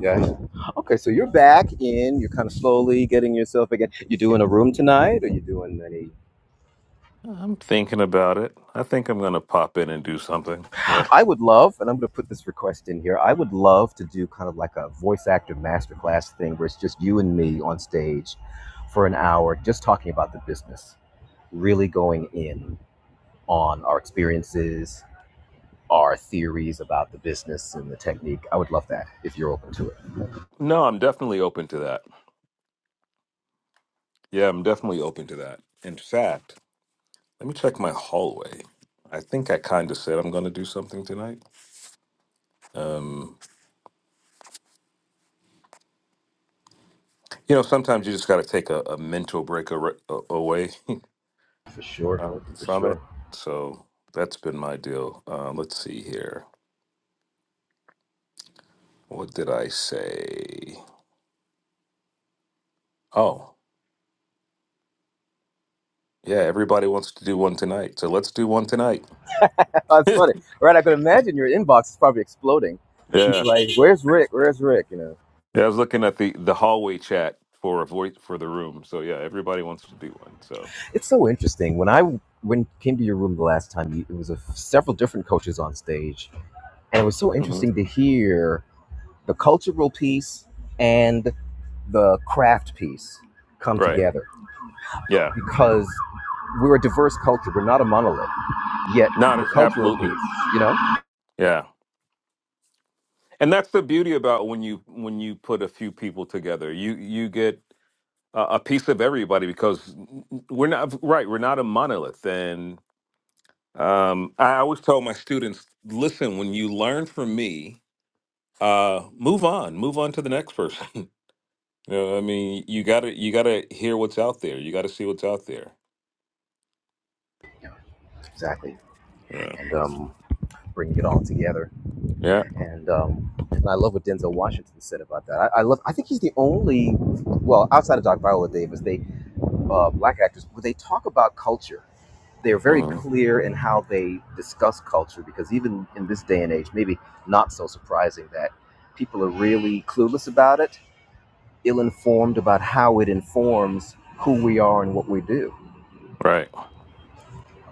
Speaker 1: yeah. yeah. Okay, so you're back in. You're kind of slowly getting yourself again. You doing a room tonight? Are you doing any?
Speaker 5: I'm thinking about it. I think I'm gonna pop in and do something. Yeah.
Speaker 1: I would love, and I'm going to put this request in here. I would love to do kind of like a voice actor masterclass thing where it's just you and me on stage for an hour, just talking about the business, really going in on our experiences, our theories about the business and the technique. I would love that if you're open to it.
Speaker 5: No, I'm definitely open to that. Yeah, I'm definitely open to that. In fact. Let me check my hallway. I think I kind of said I'm going to do something tonight. Um, you know, sometimes you just got to take a, a mental break ar- a- away
Speaker 1: For
Speaker 5: [LAUGHS]
Speaker 1: sure.
Speaker 5: uh,
Speaker 1: For
Speaker 5: from it.
Speaker 1: sure.
Speaker 5: So that's been my deal. Uh, let's see here. What did I say? Oh, yeah, everybody wants to do one tonight. So let's do one tonight.
Speaker 1: [LAUGHS]
Speaker 5: [LAUGHS]
Speaker 1: That's
Speaker 5: yeah.
Speaker 1: funny, right? I could imagine your inbox is probably exploding. Of
Speaker 5: Yeah,
Speaker 1: people are like, "Where's Rick? Where's Rick?" You know.
Speaker 5: I was looking at the, the hallway chat for a voice for the room. So yeah, everybody wants to do one. So,
Speaker 1: It's so interesting. When I when came to your room the last time, you- it was a, several different coaches on stage, and it was so
Speaker 5: Mhm.
Speaker 1: interesting to hear the cultural piece and the craft piece come
Speaker 5: right.
Speaker 1: together
Speaker 5: Yeah.
Speaker 1: because we're a diverse culture. We're not a monolith. Yet
Speaker 5: No,
Speaker 1: the
Speaker 5: that's
Speaker 1: cultural
Speaker 5: absolutely.
Speaker 1: piece, you know.
Speaker 5: Yeah. and that's the beauty about when you when you put a few people together you you get a, a piece of everybody because we're not right we're not a monolith and um, i always tell my students listen when you learn from me uh, move on move on to the next person [LAUGHS] you know i mean you gotta you gotta hear what's out there you gotta see what's out there
Speaker 1: Exactly.
Speaker 5: yeah
Speaker 1: And um, bringing it all together.
Speaker 5: yeah
Speaker 1: And um, and I love what Denzel Washington said about that. I, I love. I think he's the only, well, outside of Doc Viola Davis, they uh, black actors where they talk about culture. They're very
Speaker 5: hmm
Speaker 1: clear in how they discuss culture because even in this day and age, maybe not so surprising that people are really clueless about it, ill-informed about how it informs who we are and what we do.
Speaker 5: right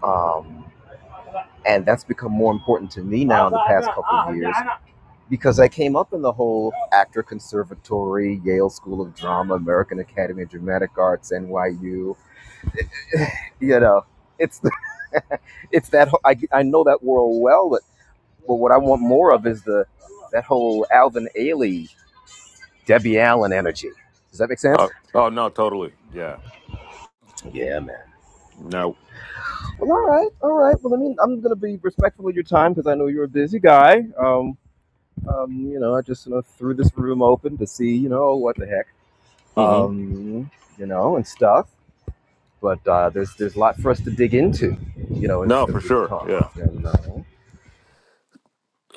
Speaker 1: Um, and that's become more important to me now in the past couple of years because I came up in the whole actor conservatory, Yale School of Drama, American Academy of Dramatic Arts, NYU. You know, it's the, [LAUGHS] it's that I I know that world well, but but what I want more of is the that whole Alvin Ailey, Debbie Allen energy. Does that make
Speaker 5: uh,
Speaker 1: sense?
Speaker 5: oh no totally yeah
Speaker 1: Yeah, man.
Speaker 5: no
Speaker 1: Well, all right, all right. Well, I mean, I'm gonna be respectful of your time because I know you're a busy guy. Um, um, you know, I just you know, threw this room open to see, you know, what the heck,
Speaker 5: hmm
Speaker 1: um, you know, and stuff. but uh, there's there's a lot for us to dig into, you know, as,
Speaker 5: no for
Speaker 1: as we
Speaker 5: sure
Speaker 1: talk.
Speaker 5: Yeah.
Speaker 1: And, uh,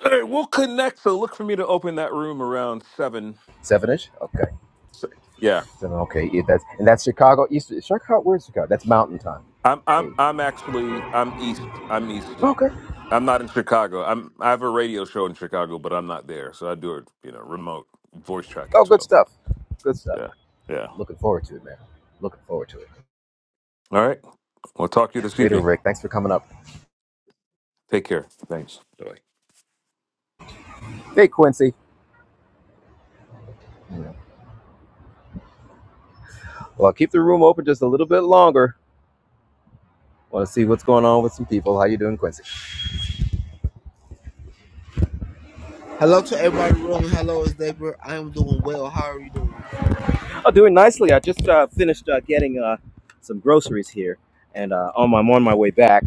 Speaker 5: All right, we'll connect. So look for me to open that room around seven.
Speaker 1: seven ish okay,
Speaker 5: So- yeah,
Speaker 1: seven, okay. Yeah, that's and that's Chicago East. Chicago, where's Chicago? That's Mountain Time.
Speaker 5: I'm
Speaker 1: Hey.
Speaker 5: I'm I'm actually I'm east. I'm east.
Speaker 1: Okay.
Speaker 5: I'm not in Chicago. I'm I have a radio show in Chicago, but I'm not there. So I do it, you know, remote voice track
Speaker 1: Oh,
Speaker 5: it.
Speaker 1: good
Speaker 5: So
Speaker 1: stuff. Good stuff.
Speaker 5: yeah, yeah.
Speaker 1: Looking forward to it, man. Looking forward to it.
Speaker 5: All right. We'll talk to you this
Speaker 1: Later,
Speaker 5: evening.
Speaker 1: Rick. Thanks for coming up.
Speaker 5: Take care. Thanks. Bye.
Speaker 1: Hey, Quincy. Yeah. Well, I'll keep the room open just a little bit longer. Want to see what's going on with some people? How you doing, Quincy?
Speaker 6: Hello to everybody in the room. Hello, it's David. I am doing well. How are you doing?
Speaker 1: Oh, doing nicely. I just uh, finished uh, getting uh, some groceries here, and uh, on my, I'm on my way back,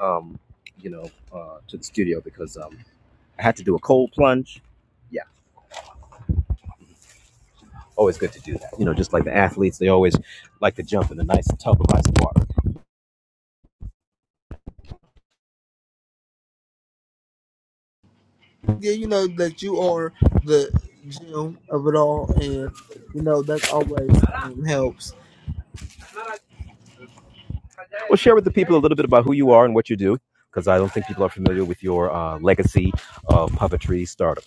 Speaker 1: um, you know, uh, to the studio because um, I had to do a cold plunge. Yeah, always good to do that. You know, just like the athletes, they always like to jump in a nice tub of ice water.
Speaker 6: Yeah, you know that you are the gem of it all, and you know that always um, helps.
Speaker 1: Well, share with the people a little bit about who you are and what you do, because I don't think people are familiar with your uh, legacy of puppetry stardom.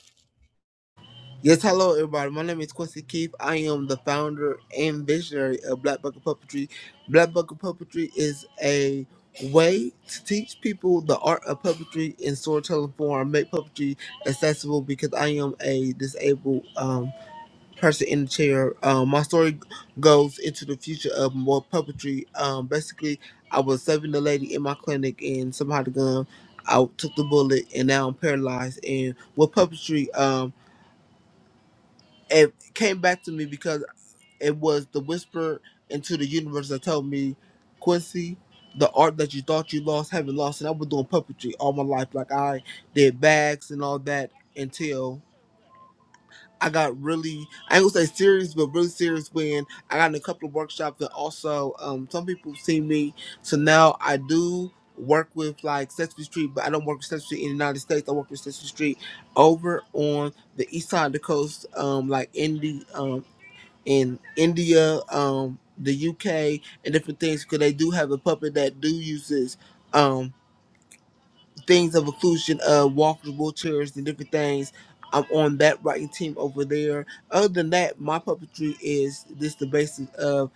Speaker 6: Yes, hello everybody. My name is Quincy Keith. I am the founder and visionary of Black Bucket Puppetry. Black Bucket Puppetry is a way to teach people the art of puppetry in storytelling form, make puppetry accessible because I am a disabled um, person in the chair. Um, my story goes into the future of more puppetry. Um, basically, I was saving the lady in my clinic, and somehow the gun I took the bullet, and now I'm paralyzed. And with puppetry, um, it came back to me because it was the whisper into the universe that told me, Quincy. The art that you thought you lost, haven't lost, and I was doing puppetry all my life. Like I did bags and all that until I got really, I ain't gonna say serious, but really serious when I got in a couple of workshops and also um, some people see me. So now I do work with like Sesame Street, but I don't work with Sesame Street in the United States. I work with Sesame Street over on the east side of the coast, um, like in the, um, in India, um, the UK, and different things because they do have a puppet that do uses. um, things of inclusion of walkable chairs and different things. I'm on that writing team over there. Other than that, my puppetry is just the basis of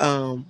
Speaker 6: um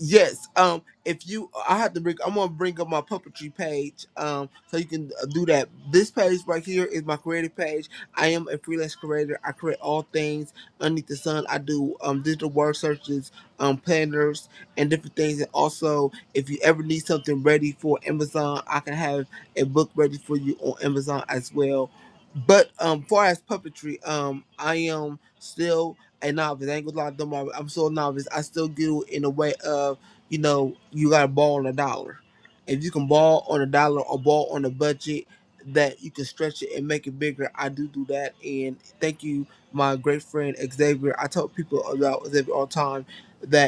Speaker 6: Yes. Um, if you, I have to bring. I'm gonna bring up my puppetry page. Um, so you can uh, do that. This page right here is my creative page. I am a freelance creator. I create all things underneath the sun. I do um digital word searches, um planners, and different things. And also, if you ever need something ready for Amazon, I can have a book ready for you on Amazon as well. But um, far as puppetry, um, I am still and novice. I ain't gonna lie, I'm, novice. I'm still a novice. I still do in a way of, you know, you gotta ball on a dollar. If you can ball on a dollar or ball on a budget that you can stretch it and make it bigger, I do do that. And thank you, my great friend Xavier. I tell people about Xavier all the time that.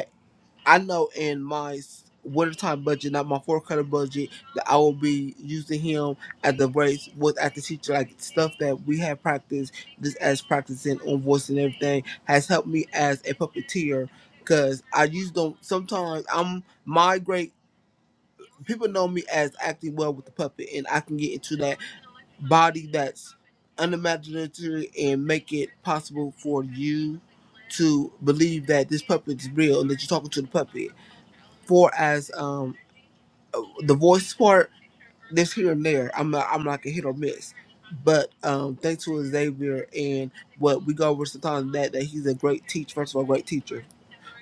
Speaker 6: I know in my s- wintertime budget, not my fourth quarter budget, that I will be using him at the race with at the teacher, like stuff that we have practiced, just as practicing on voice and everything, has helped me as a puppeteer. Cause I use them sometimes. I'm my great people know me as acting well with the puppet, and I can get into that body that's unimaginative and make it possible for you to believe that this puppet is real and that you're talking to the puppet for as um uh, the voice part this here and there i'm not i'm like a hit or miss but um thanks to xavier and what we go over sometimes that that he's a great teacher first of all great teacher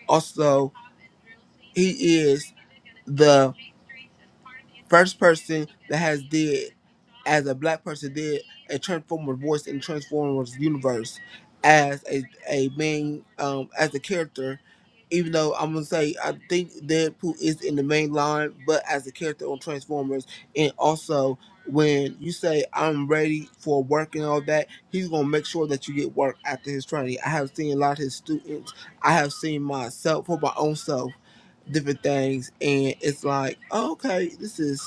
Speaker 6: also he is the first person that has did as a black person did a transform voice in Transformers universe as a a main um as a character. Even though I'm gonna say I think Deadpool is in the main line, but as a character on Transformers, and also when you say I'm ready for work and all that, he's gonna make sure that you get work after his training. I have seen a lot of his students. I have seen myself for my own self, different things, and it's like, oh, okay, this is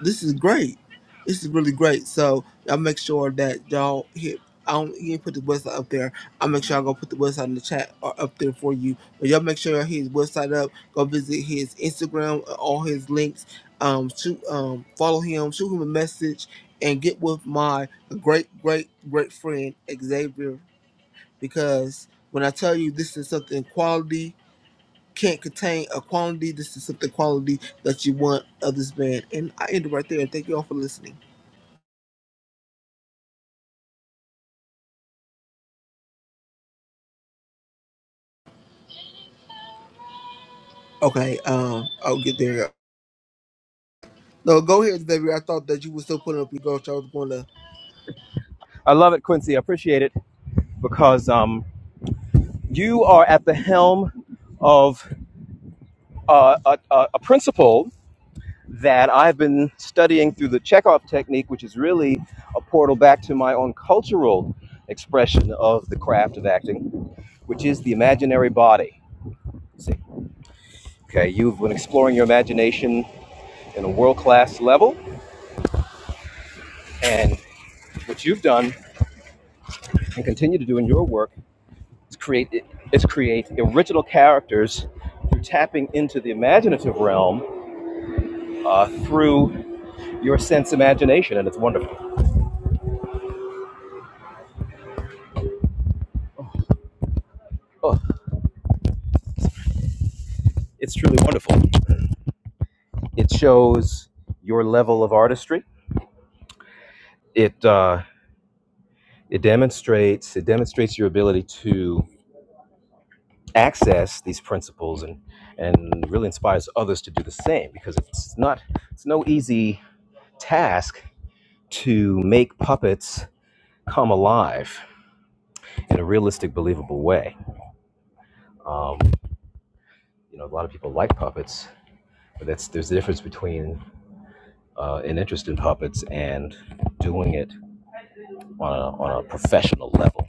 Speaker 6: this is great. This is really great. So y'all make sure that y'all hit. I don't you didn't put the website up there. I'll make sure I go put the website in the chat or up there for you. But y'all make sure y'all hit his website up. Go visit his Instagram, uh, all his links. Um, shoot, um, follow him, shoot him a message, and get with my great, great, great friend Xavier. Because when I tell you this is something quality, can't contain a quantity. This is something quality that you want of this band. And I end it right there. Thank you all for listening. Okay, um, I'll get there. No, go ahead, baby. I thought that you were still putting up your ghost. I was going to.
Speaker 1: I love it, Quincy. I appreciate it because um, you are at the helm of uh, a, a, principle that I've been studying through the Chekhov technique, which is really a portal back to my own cultural expression of the craft of acting, which is the imaginary body. See, okay, you've been exploring your imagination in a world class level, and what you've done and continue to do in your work is create is create original characters through tapping into the imaginative realm uh, through your sense imagination, and it's wonderful. Oh, it's truly wonderful. It shows your level of artistry. It uh, it demonstrates it demonstrates your ability to access these principles and and really inspires others to do the same because it's not it's no easy task to make puppets come alive in a realistic, believable way. Um, you know, a lot of people like puppets, but that's there's a difference between uh, an interest in puppets and doing it on a, on a professional level.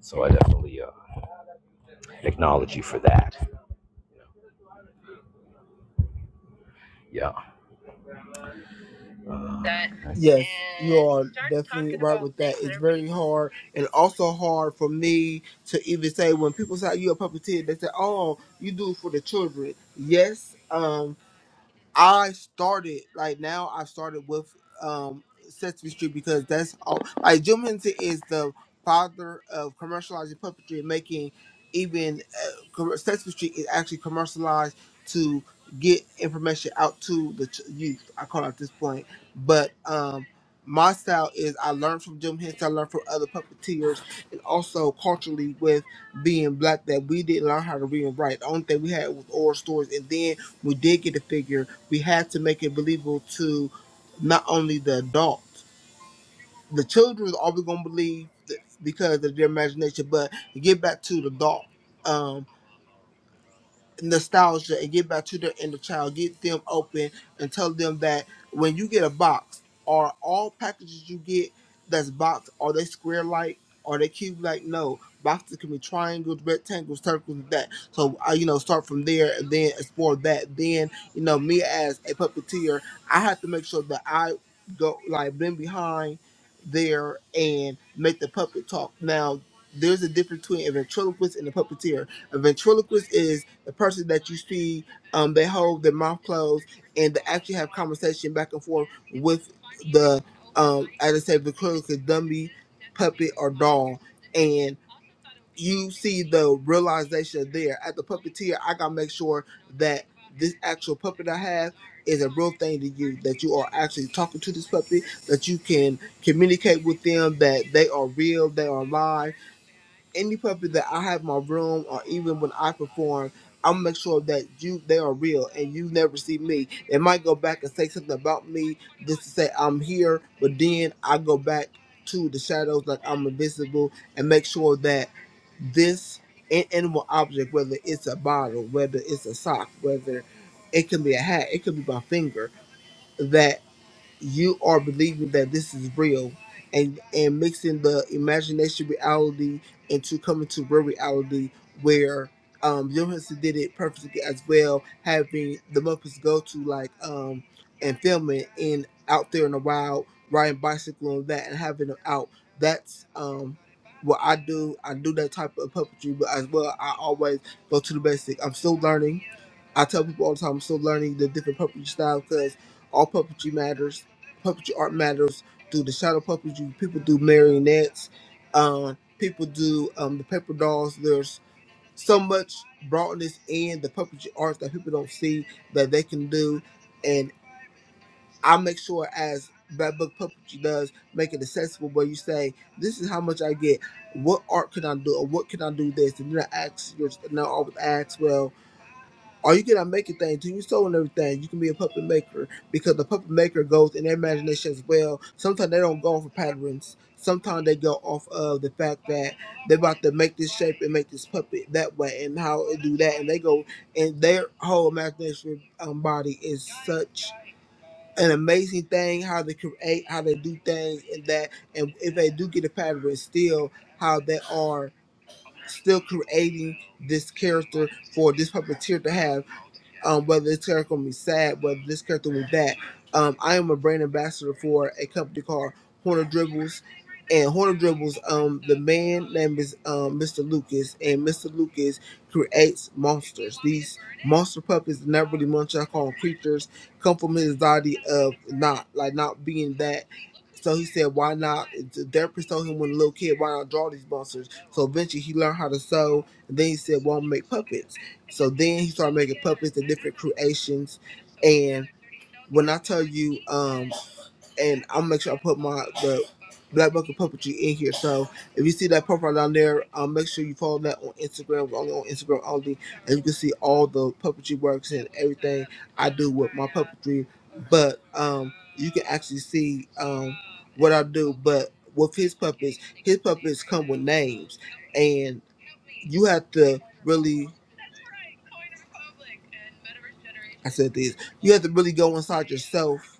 Speaker 1: So I definitely uh, technology for that. Yeah,
Speaker 6: Yes, And you are start definitely talking right about with that. things It's that are very really- hard, and also hard for me to even say when people say "Oh, you are a puppeteer, they say, "Oh, you do it for the children." Yes, um. I started like now. I started with um Sesame Street because that's all. Like Jim Henson is the father of commercializing puppetry and making even uh, com- Sesame Street is actually commercialized to get information out to the ch- youth. I call it at this point, but um. My style is I learned from Jim Henson, I learned from other puppeteers, and also culturally with being black that we didn't learn how to read and write. The only thing we had was oral stories, and then we did get a figure we had to make it believable to not only the adult, the children are always going to believe th- because of their imagination, but get back to the adult. Um, nostalgia and get back to their inner child, get them open and tell them that when you get a box, are all packages you get that's boxed, are they square like, are they cube like? No. Boxes can be triangles, rectangles, circles, and that. So I, you know, start from there and then explore that. Then, you know, me as a puppeteer, I have to make sure that I go like been behind there and make the puppet talk. Now there's a difference between a ventriloquist and a puppeteer. A ventriloquist is the person that you see um, they hold their mouth closed and they actually have conversation back and forth with the um as I say the clinical dummy, puppet or doll and you see the realization there at the puppeteer I gotta make sure that this actual puppet I have is a real thing to you that you are actually talking to this puppet that you can communicate with them that they are real they are alive any puppet that I have in my room or even when I perform, I'll make sure that you they are real and you never see me. They might go back and say something about me just to say I'm here, but then I go back to the shadows like I'm invisible and make sure that this an- animal object, whether it's a bottle, whether it's a sock, whether it can be a hat, it could be my finger, that you are believing that this is real and and mixing the imagination reality into coming to real reality where um Johansson did it perfectly as well, having the Muppets go to like um and filming in out there in the wild, riding bicycle and that and having them out. That's um what I do. I do that type of puppetry, but as well I always go to the basic. I'm still learning I tell people all the time I'm still learning the different puppetry style because all puppetry matters. Puppetry art matters. Do the shadow puppetry. People do marionettes. Um, people do um, the paper dolls. There's so much broadness in the puppetry arts that people don't see that they can do. And I make sure as Bad Book Puppetry does, make it accessible where you say, this is how much I get. What art can I do? Or what can I do this? And then I ask, and I always ask, well, or you cannot make a thing Do you sew and everything. You can be a puppet maker because the puppet maker goes in their imagination as well. Sometimes they don't go off of patterns. Sometimes they go off of the fact that they're about to make this shape and make this puppet that way and how it do that. And they go, and their whole imagination um, body is such an amazing thing how they create, how they do things, and that. And if they do get a pattern, still how they are still creating this character for this puppeteer to have um, whether this character will be sad, whether this character will be that. Um, I am a brand ambassador for a company called Horner Dribbles. And Horner Dribbles, um, the man name is um, Mr. Lucas, and Mr. Lucas creates monsters. These monster puppets, not really much I call them creatures, come from his body of not like not being that. So he said, why not? The therapist told him when a little kid, why not draw these monsters? So eventually he learned how to sew. And then he said, well, I'm gonna make puppets. So then he started making puppets and different creations. And when I tell you, um, and I'll make sure I put my the Black book of Puppetry in here. So if you see that profile down there, um, make sure you follow that on Instagram. We're only on Instagram only and you can see all the puppetry works and everything I do with my puppetry. But um, you can actually see um, what I do. But with his puppets, his puppets come with names, and you have to really. I said this. You have to really go inside yourself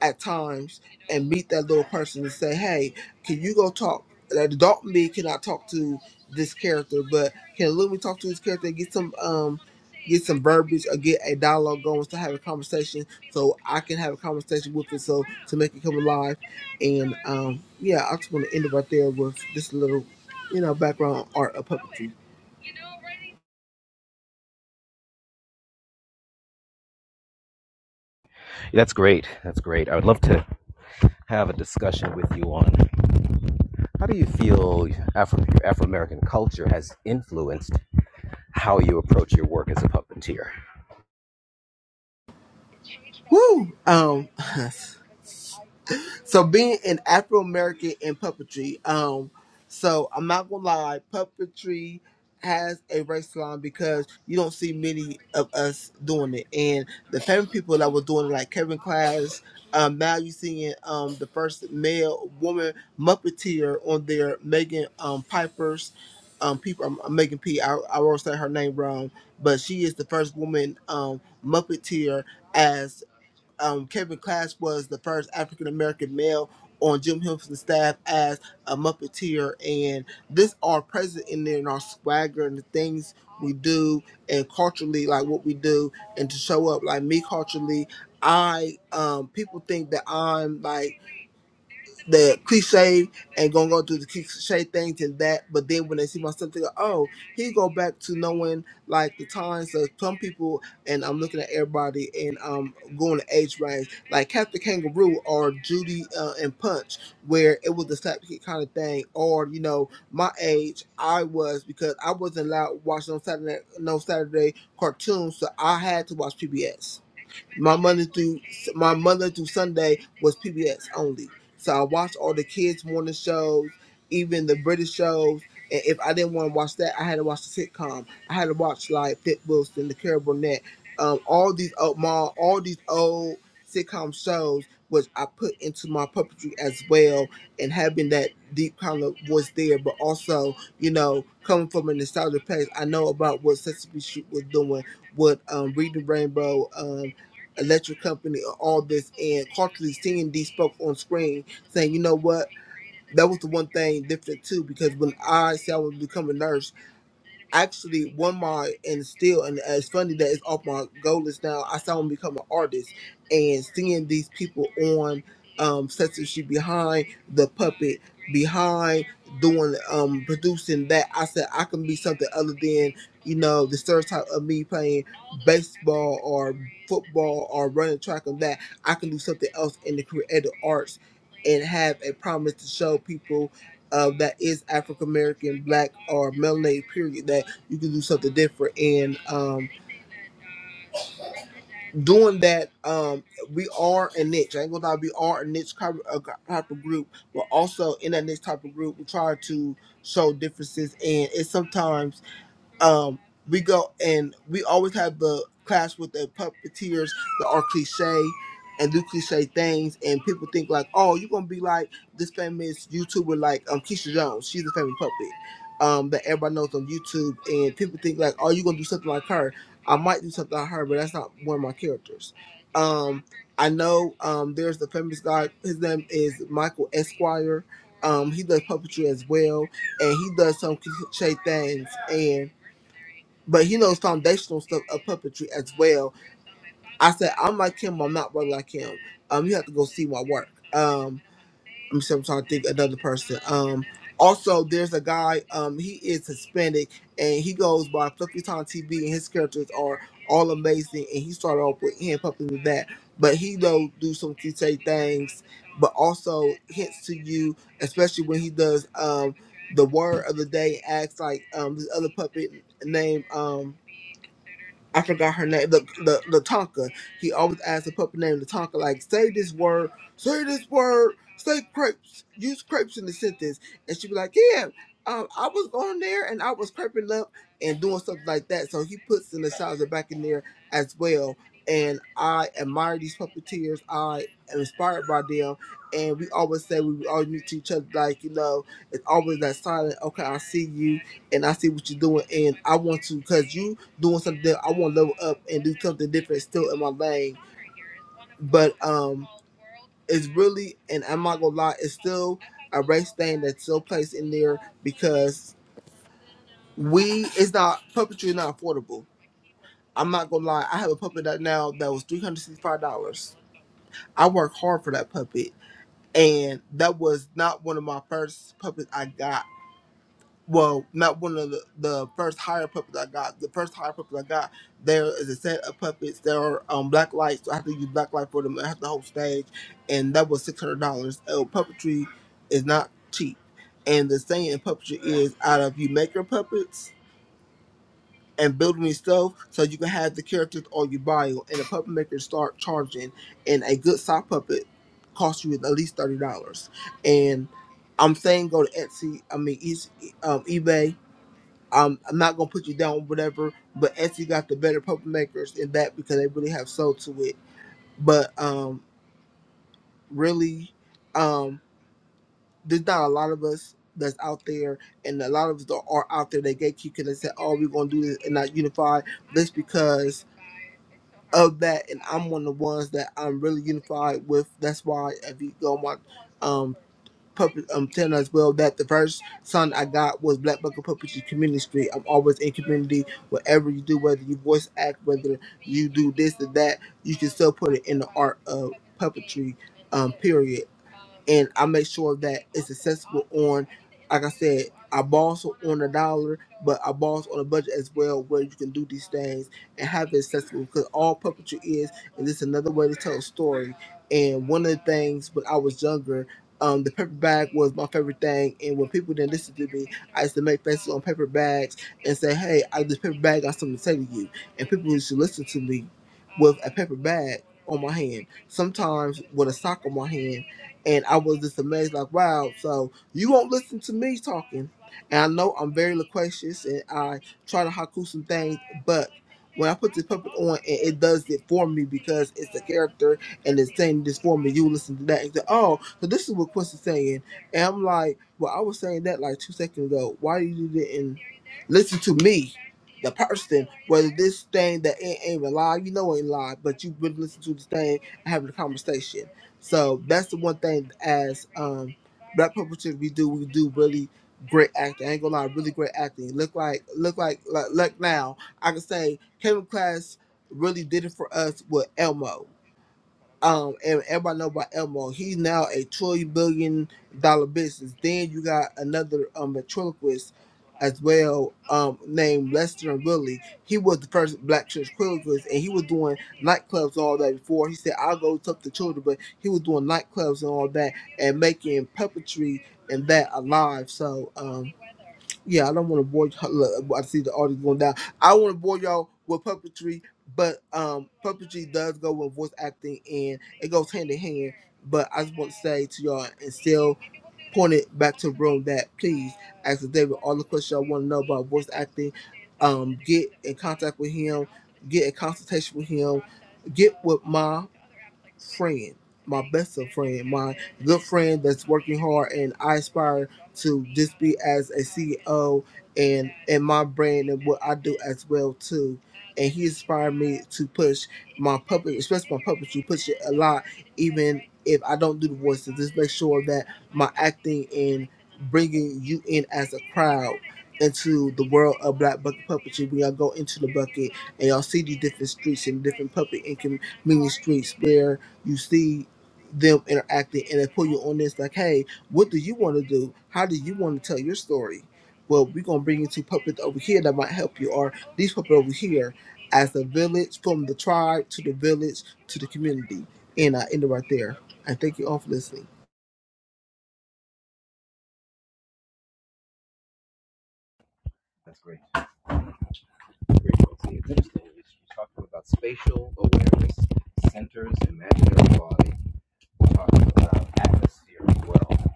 Speaker 6: at times and meet that little person and say, "Hey, can you go talk?" That adult me cannot talk to this character, but can Lumi talk to this character and get some um get some verbiage or get a dialogue going to have a conversation so I can have a conversation with it so to make it come alive. And um yeah, I just want to end it right there with this little you know background art of puppetry.
Speaker 1: that's great. That's great. I would love to have a discussion with you on how do you feel Afro your Afro American culture has influenced how you approach your work as a puppeteer.
Speaker 6: Woo! Um [LAUGHS] So being an Afro American in puppetry, um, so I'm not gonna lie, puppetry has a race line because you don't see many of us doing it. And the famous people that were doing it, like Kevin Clash, um, now you seeing um the first male woman Muppeteer on there, Megan um Piper's um people um, Megan P. I I won't say her name wrong, but she is the first woman um Muppeteer as um, Kevin Clash was the first African American male on Jim Henson's staff as a Muppeteer, and this are present in there in our swagger and the things we do and culturally like what we do and to show up like me culturally. I um people think that I'm like the cliche and gonna go through the cliche things and that, but then when they see my stuff, they go, "Oh, he go back to knowing like the times of some people." And I'm looking at everybody and um going to age range like Captain Kangaroo or Judy uh, and Punch, where it was the slapstick kind of thing, or you know my age I was because I wasn't allowed to watch no Saturday no Saturday cartoons, so I had to watch PBS. My Monday through my Monday through Sunday was PBS only. So I watched all the kids' morning shows, even the British shows. And if I didn't want to watch that, I had to watch the sitcom. I had to watch like Pip Wilson, the Carol Burnett, um, all these old ma, all these old sitcom shows, which I put into my puppetry as well, and having that deep kind of voice there, but also you know coming from a nostalgic place, I know about what Sesame Street was doing with um, Reading Rainbow. Um, electric company and all this and constantly seeing these folks on screen saying, you know what, that was the one thing different too, because when I said I was becoming a nurse, actually one mod and still and it's funny that it's off my goal list now. I saw him become an artist and seeing these people on um sets that she behind the puppet behind doing um producing that I said I can be something other than you know the stereotype of me playing baseball or football or running track and that I can do something else in the creative arts and have a promise to show people uh, that is African American, Black, or melanated. Period you can do something different. And um, doing that, um, we are a niche. I ain't gonna lie, we are a niche type of, a type of group, but also in that niche type of group, we try to show differences. And it's sometimes um, we go and we always have the class with the puppeteers that are cliche and do cliche things, and people think like, oh, you're gonna be like this famous YouTuber like um Keisha Jones. She's a famous puppet um that everybody knows on YouTube, and people think like, oh, you're gonna do something like her. I might do something like her, but that's not one of my characters. Um, I know um there's the famous guy. His name is Michael Esquire. Um, he does puppetry as well, and he does some cliche things, but he knows foundational stuff of puppetry as well. I said, I'm like him, I'm not really like him. Um, you have to go see my work. Um, I'm sorry, I'm trying to think another person. Um, also there's a guy, um, he is Hispanic and he goes by Fluffy Time TV and his characters are all amazing and he started off with hand puppets with that. But he though do some cliche things, but also hints to you, especially when he does um the word of the day acts like um this other puppet named um I forgot her name, the the Lataka. He always asked the puppy name Lataka, like, say this word, say this word, say crepes, use crepes in the sentence. And she'd be like, Yeah, um, I was going there and I was creping up and doing stuff like that. So he puts in the nostalgia back in there as well. And I admire these puppeteers. I am inspired by them. And we always say we always meet to each other, like, you know, it's always that silent, okay, I see you and I see what you're doing. And I want to, because you doing something. I want to level up and do something different, still in my lane. But um, it's really, and I'm not gonna lie, it's still a race thing that's still placed in there because we it's not puppetry is not affordable. I'm not gonna lie, I have a puppet that now that was three hundred sixty five dollars. I worked hard for that puppet, and that was not one of my first puppets I got. well, not one of the, the first hire puppets I got. The first hire puppets I got, there is a set of puppets. There are um, black lights. So I have to use black light for them. I have the whole stage, and that was six hundred dollars. Oh, puppetry is not cheap. And the saying in puppetry is out of you make your puppets and build them yourself, so you can have the characters on your bio. And the puppet makers start charging, and a good sock puppet costs you at least thirty dollars. And I'm saying go to Etsy. I mean, Eas- um, eBay um, I'm not gonna put you down, whatever. But Etsy got the better puppet makers in that because they really have soul to it. But um, really, um, there's not a lot of us that's out there, and a lot of us that are out there. They gatekeep and they say, "Oh, we're gonna do this and not unify." This because of that, and I'm one of the ones that I'm really unified with. That's why if you go on my um puppet um telling us well that the first son I got was Black Bucket Puppetry Community Street. I'm always in community, whatever you do, whether you voice act, whether you do this or that, you can still put it in the art of puppetry, um, period and I make sure that it's accessible on, like I said, I boss on a dollar, but I boss on a budget as well, where you can do these things and have it accessible. Because all puppetry is, and it's another way to tell a story. And one of the things when I was younger, um, the paper bag was my favorite thing. And when people didn't listen to me, I used to make faces on paper bags and say, "Hey, I this paper bag got something to say to you." And people used to listen to me with a paper bag on my hand. Sometimes with a sock on my hand and I was just amazed, like, wow. So you won't listen to me talking, and I know I'm very loquacious, and I try to haku some things, but when I put this puppet on, and it it does it for me because it's a character and it's saying this for me. You listen to that and say, oh, so this is what Quincy's saying, and I'm like, well, I was saying that like two seconds ago. Why you didn't listen to me? The person, whether this thing that ain't, ain't even live, you know ain't live, but you would listen to this thing and having a conversation. So that's the one thing as um black perpetrators we do we do really great acting. I ain't gonna lie, really great acting. Look like look like like, look now. I can say Kevin Class really did it for us with Elmo um and everybody know about Elmo. He's now a trillion billion dollar business. Then you got another um ventriloquist as well, um, named Lester and Willie. He was the first black ventriloquist and he was doing nightclubs and all that before. He said, I'll go talk to children, but he was doing nightclubs and all that and making puppetry and that alive. So um yeah, I don't want to bore. y- Look, I see the audience going down. I want to bore y'all with puppetry, but um, puppetry does go with voice acting, and it goes hand in hand. But I just want to say to y'all, and still point it back to the room that please ask David all the questions y'all want to know about voice acting. Um, get in contact with him. Get a consultation with him. Get with Ma friend, my best of friend, my good friend that's working hard, and I aspire to just be as a CEO and in my brand and what I do as well too. And he inspired me to push my public, especially my public, to push it a lot, even if I don't do the voices. Just make sure that my acting and bringing you in as a crowd into the world of black bucket puppetry. We all go into the bucket and y'all see these different streets and different puppet and community streets where you see them interacting and they pull you on this like hey what do you want to do how do you want to tell your story well we're going to bring you two puppets over here that might help you or these puppets over here as the village from the tribe to the village to the community and i end it right there I thank you all for listening
Speaker 1: That's great. Great. See, it's interesting. You're talking about spatial awareness centers imaginary body. we're talking about atmosphere as well,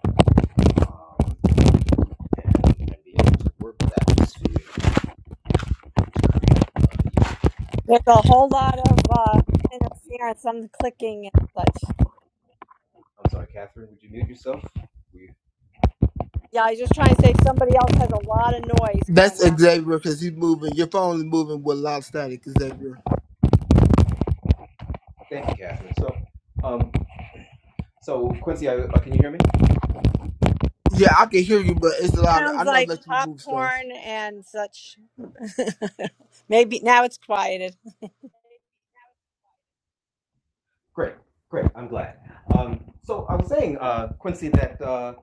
Speaker 1: um, and, and being able to work with atmosphere uh,
Speaker 3: There's a whole lot of uh, interference, some clicking and such.
Speaker 1: I'm sorry, Catherine. Would you mute yourself? We
Speaker 3: Yeah, I was just trying to say somebody else has a lot of noise going
Speaker 6: that's
Speaker 3: on.
Speaker 6: xavier because he's moving your phone is moving with a lot of static xavier
Speaker 1: thank you, Catherine. So, um, so Quincy, I, uh, can you hear me?
Speaker 6: yeah i can hear you but it's a lot of, i
Speaker 3: Sounds
Speaker 6: know
Speaker 3: like
Speaker 6: that you move stuff
Speaker 3: popcorn and such. [LAUGHS] Maybe now it's quieted.
Speaker 1: Great, great. I'm glad. Um, so I was saying, uh, Quincy, that uh,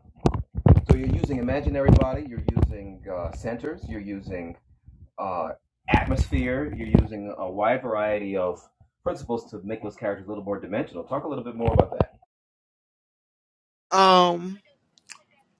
Speaker 1: so you're using imaginary body, you're using uh, centers, you're using uh, atmosphere. You're using a wide variety of principles to make those characters a little more dimensional. Talk a little bit more about that.
Speaker 6: um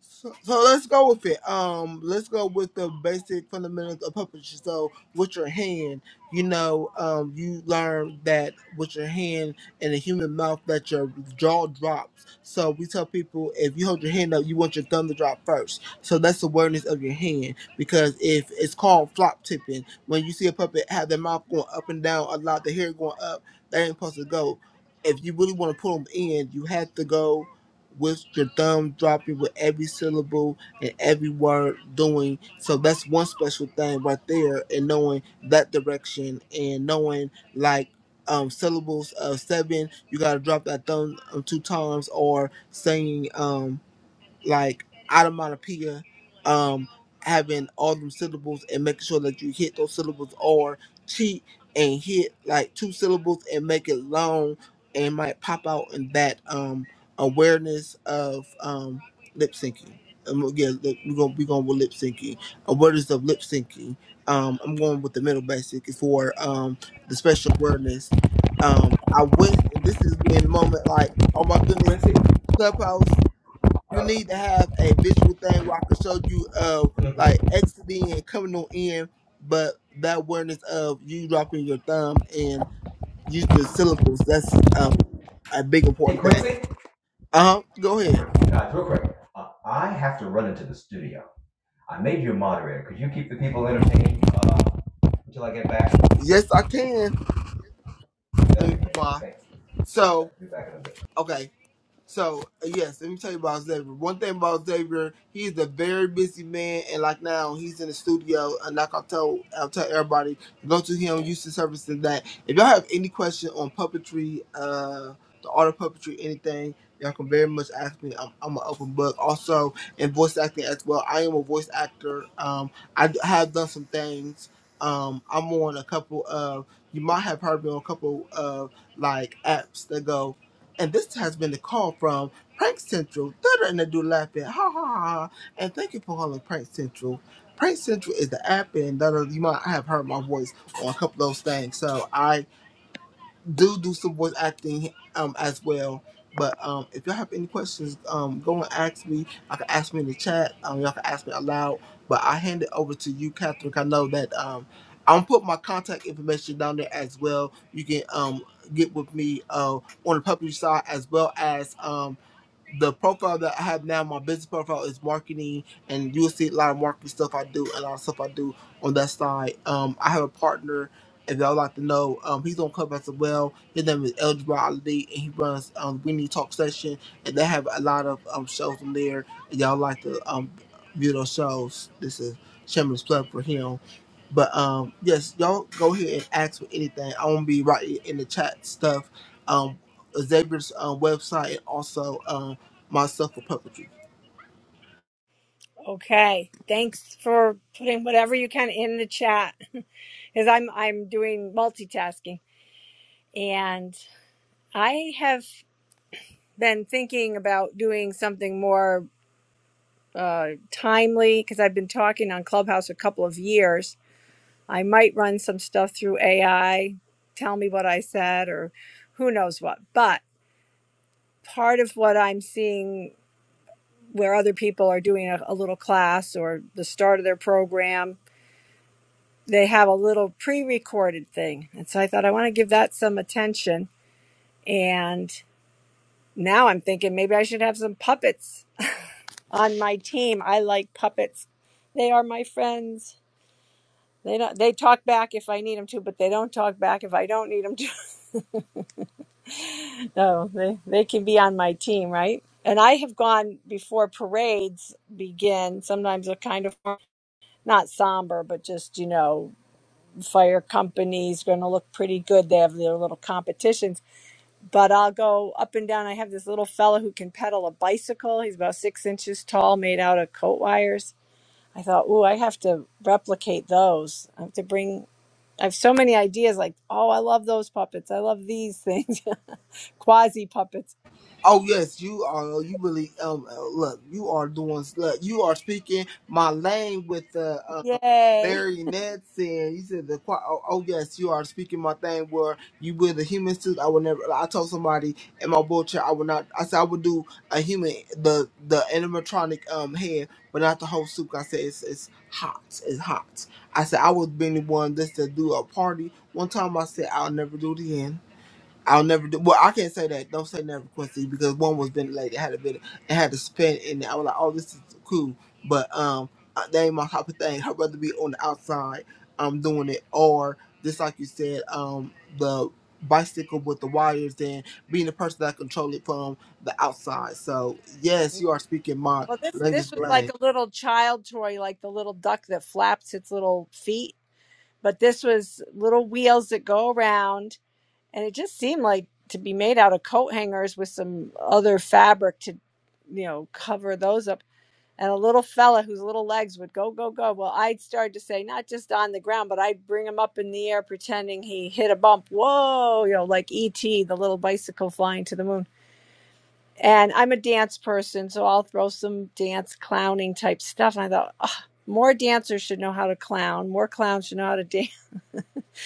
Speaker 6: So, so let's go with it. Um, let's go with the basic fundamentals of puppetry. So with your hand, you know, um, you learn that with your hand and the human mouth that your jaw drops. So we tell people if you hold your hand up, you want your thumb to drop first. So that's awareness of your hand because if it's called flop tipping, when you see a puppet have their mouth going up and down a lot, the hair going up, they ain't supposed to go. If you really want to pull them in, you have to go with your thumb dropping with every syllable and every word doing. So that's one special thing right there and knowing that direction and knowing like um syllables of seven, you gotta drop that thumb um, two times or saying um like onomatopoeia, um, having all them syllables and making sure that you hit those syllables or cheat and hit like two syllables and make it long and might pop out in that um awareness of um lip syncing. Um, yeah, lip- we're gonna we are going with lip syncing. Awareness of lip syncing. Um, I'm going with the middle basic for um the special awareness. Um, I went, and this is in the moment like, oh my goodness,
Speaker 1: Quincy?
Speaker 6: Clubhouse
Speaker 1: Uh,
Speaker 6: you need to have a visual thing where I can show you of
Speaker 1: mm-hmm.
Speaker 6: like exiting and coming on in, but that awareness of you dropping your thumb and using the syllables, that's uh, a big
Speaker 1: hey,
Speaker 6: important thing.
Speaker 1: Quincy?
Speaker 6: Uh huh. Go ahead.
Speaker 1: Guys, real quick, uh, I have to run into the studio. I made you a moderator. Could you keep the people entertained uh, until I get back?
Speaker 6: Yes, I can. Let
Speaker 1: That'd
Speaker 6: me
Speaker 1: be great.
Speaker 6: put my
Speaker 1: Thanks.
Speaker 6: so
Speaker 1: Be back in a bit.
Speaker 6: okay. So uh, yes, let me tell you about Xavier. One thing about Xavier, he's a very busy man, and like now he's in the studio. And like I tell, I'll tell everybody, go to him, use the service and that. If y'all have any question on puppetry, uh, the art of puppetry, anything, y'all can very much ask me. I'm, I'm an open book. Also in voice acting as well. I am a voice actor. Um, I d- have done some things. Um, I'm on a couple of. You might have heard me on a couple of like apps that go. And this has been the call from Prank Central. Thunder and the do laughing. Ha ha ha. ha. And thank you for calling Prank Central. Prank Central is the app, and da- you might have heard my voice on a couple of those things. So I do do some voice acting um as well. But um, if y'all have any questions, um, go and ask me. I can ask me in the chat. Um, y'all can ask me aloud. But I hand it over to you, Catherine. 'cause I know that um, I'm put my contact information down there as well. You can um get with me uh on the public side as well as um the profile that I have now, my business profile is marketing, and you'll see a lot of marketing stuff I do, a lot of stuff I do on that side. Um, I have a partner, if y'all like to know, um, he's on Clubhouse as well. His name is Eljabar Ali, and he runs um, We Need Talk Session, and they have a lot of um, shows in there. If y'all like to um, view those shows, this is shameless plug for him. But um, yes, y'all go ahead and ask for anything. I won't be right in the chat stuff. Um, Xavier's uh, website and also um, myself for puppetry.
Speaker 3: Okay, thanks for putting whatever you can in the chat, [LAUGHS] because I'm I'm doing multitasking. And I have been thinking about doing something more uh, timely because I've been talking on Clubhouse a couple of years. I might run some stuff through AI, tell me what I said, or who knows what. But part of what I'm seeing where other people are doing a, a little class or the start of their program, they have a little pre recorded thing. And so I thought I want to give that some attention. And now I'm thinking maybe I should have some puppets on my team. I like puppets. They are my friends. They don't. They talk back if I need them to, but they don't talk back if I don't need them to. [LAUGHS] No, they they can be on my team, right? And I have gone before parades begin. Sometimes they're kind of not somber, but just you know, fire companies going to look pretty good. They have their little competitions, but I'll go up and down. I have this little fella who can pedal a bicycle. He's about six inches tall, made out of coat wires I thought, ooh, I have to replicate those. I have to bring. I have so many ideas. Like, oh, I love those puppets. I love these things, [LAUGHS] quasi puppets.
Speaker 6: Oh yes, you are. You really um uh, look. You are doing. Look, you are speaking my lane with the uh,
Speaker 3: Yay!
Speaker 6: marionettes, and you said the choir. Oh, oh yes, you are speaking my thing. Where you with the human suit, I would never. I told somebody in my wheelchair, I would not. I said I would do a human, the the animatronic um head, but not the whole suit. I said it's it's hot. It's hot. I said I was being the one that's to do a party. One time I said I'll never do it again. I'll never do. Well, I can't say that. Don't say never, Quincy, because one was ventilated. It had a bit. It had a spin in it. I was like, oh, this is cool, but um, uh, that ain't my type of thing. I'd rather be on the outside, um, doing it, or just like you said, um, the bicycle with the wires and being the person that control it from the outside. So yes, you are speaking my
Speaker 3: Well, this this
Speaker 6: language,
Speaker 3: was like
Speaker 6: Blaine.
Speaker 3: a little child toy, like the little duck that flaps its little feet. But this was little wheels that go around, and it just seemed like to be made out of coat hangers with some other fabric to you know cover those up and a little fella whose little legs would go go go well i'd start to say not just on the ground but i'd bring him up in the air pretending he hit a bump whoa you know like et the little bicycle flying to the moon and i'm a dance person so i'll throw some dance clowning type stuff and i thought "Ugh, more dancers should know how to clown more clowns should know how to dance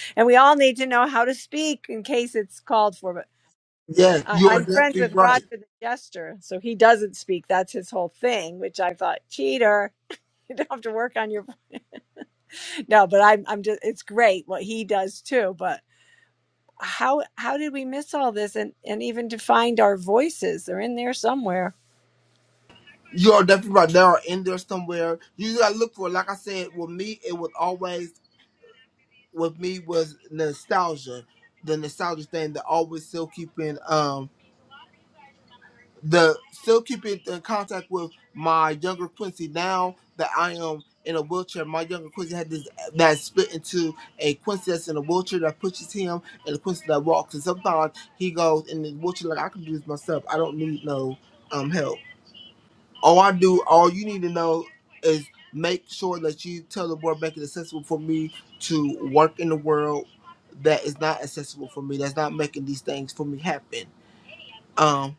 Speaker 3: [LAUGHS] and we all need to know how to speak in case it's called for but
Speaker 6: Yes,
Speaker 3: I,
Speaker 6: you are
Speaker 3: I'm friends
Speaker 6: definitely
Speaker 3: with
Speaker 6: right.
Speaker 3: Roger the Jester, so he doesn't speak. That's his whole thing, which I thought, cheater. [LAUGHS] You don't have to work on your No, but I'm I'm just it's great what he does too, but how how did we miss all this and and even to find our voices? They're in there somewhere.
Speaker 6: You are definitely right. They are in there somewhere. You gotta look for. it. Like I said, with me, it was always. with me was nostalgia. The nostalgia thing that always still keeping um the still keeping in contact with my younger Quincy now that I am in a wheelchair. My younger Quincy had this that split into a Quincy that's in a wheelchair that pushes him and a Quincy that walks. And sometimes he goes in the wheelchair like I can do this myself. I don't need no um help all I do, all you need to know is make sure that you tell the board make it accessible for me to work in the world that is not accessible for me, that's not making these things for me happen. Um,